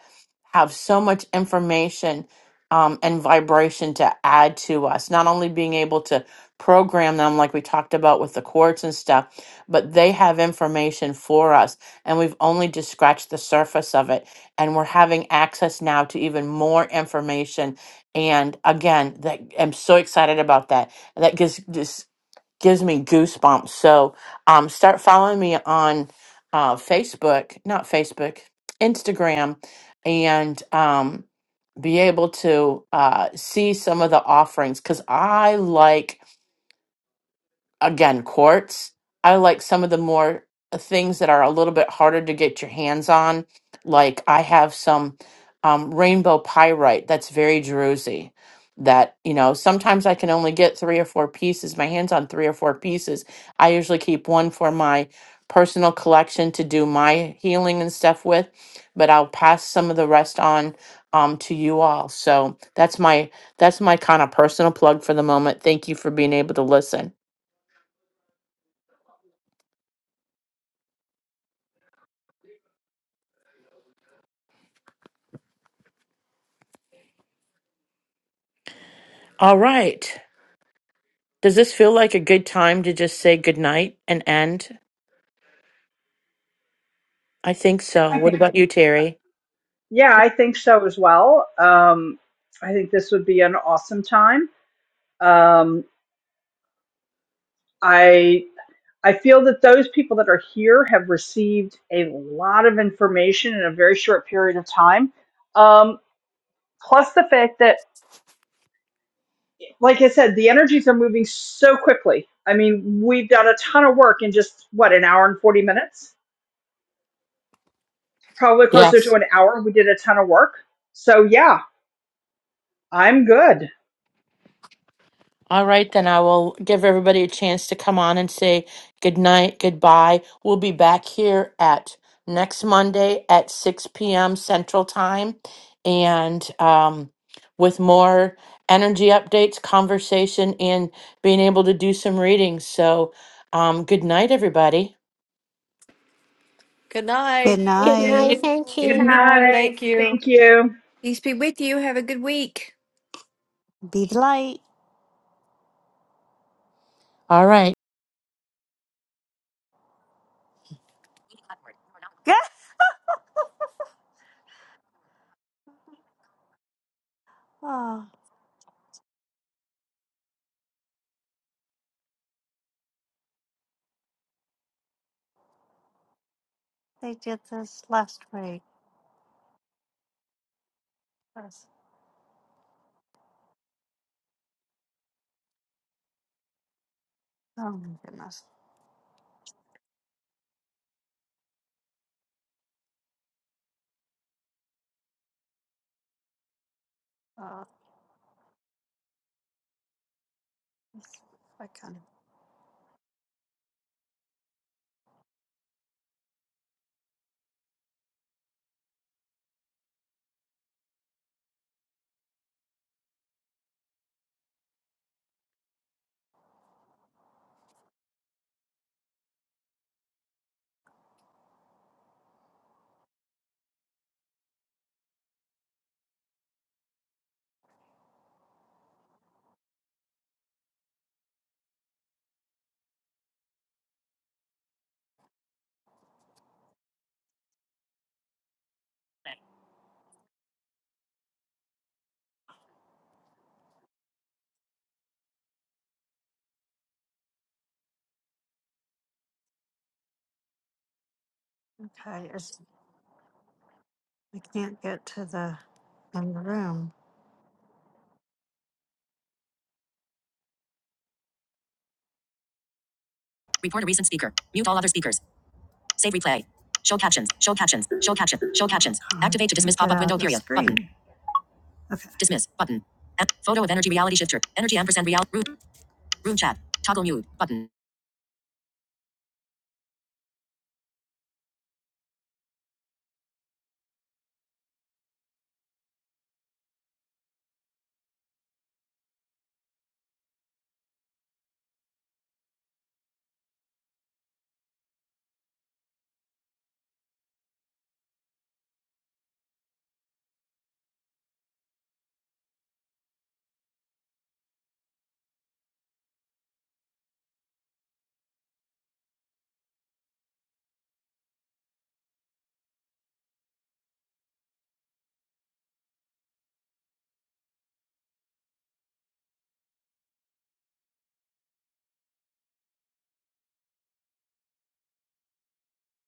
Speaker 1: have so much information um, and vibration to add to us. Not only being able to program them, like we talked about with the quartz and stuff, but they have information for us. And we've only just scratched the surface of it. And we're having access now to even more information. And again, that I'm so excited about that. That gives gives me goosebumps. So um, start following me on uh, Facebook, not Facebook, Instagram, and um, be able to uh, see some of the offerings because I like again quartz i like some of the more uh, things that are a little bit harder to get your hands on like i have some um, rainbow pyrite that's very druzy that you know sometimes i can only get three or four pieces my hands on three or four pieces i usually keep one for my personal collection to do my healing and stuff with but i'll pass some of the rest on um, to you all so that's my that's my kind of personal plug for the moment thank you for being able to listen All right. Does this feel like a good time to just say goodnight and end? I think so.
Speaker 2: I
Speaker 1: What
Speaker 2: think.
Speaker 1: about you, Terry?
Speaker 2: Yeah, I think so as well. Um, I think this would be an awesome time. Um, I I feel that those people that are here have received a lot of information in a very short period of time. Um, plus the fact that, like I said, the energies are moving so quickly. I mean, we've done a ton of work in just what an hour and forty minutes, probably closer to
Speaker 1: Yes.
Speaker 2: an hour. We did a ton of work. So yeah, I'm good.
Speaker 1: All right, then I will give everybody a chance to come on and say good night, goodbye. We'll be back here at next Monday at 6 p.m. Central Time and um, with more energy updates, conversation, and being able to do some readings. So, um, good night, everybody.
Speaker 8: Good
Speaker 9: Good
Speaker 8: night. Thank
Speaker 3: Good night.
Speaker 9: night.
Speaker 8: you.
Speaker 3: Thank
Speaker 4: Good
Speaker 2: Good
Speaker 3: you.
Speaker 4: night.
Speaker 2: night.
Speaker 8: Thank you.
Speaker 2: Thank you.
Speaker 4: Peace be with you. Have a good week.
Speaker 9: Be the light.
Speaker 1: All right.
Speaker 9: Yeah. oh, they did this last week. That's- Oh my goodness. Oh, I kind of okay. It's, I can't get to the in the room. Report a recent speaker. Mute all other speakers. Save replay. Show captions. Show captions. Show captions. Show captions. Activate to dismiss pop-up window of period. Button. Okay. Dismiss button. Photo of energy reality shifter. Energy ampersand real root room chat. Toggle mute button.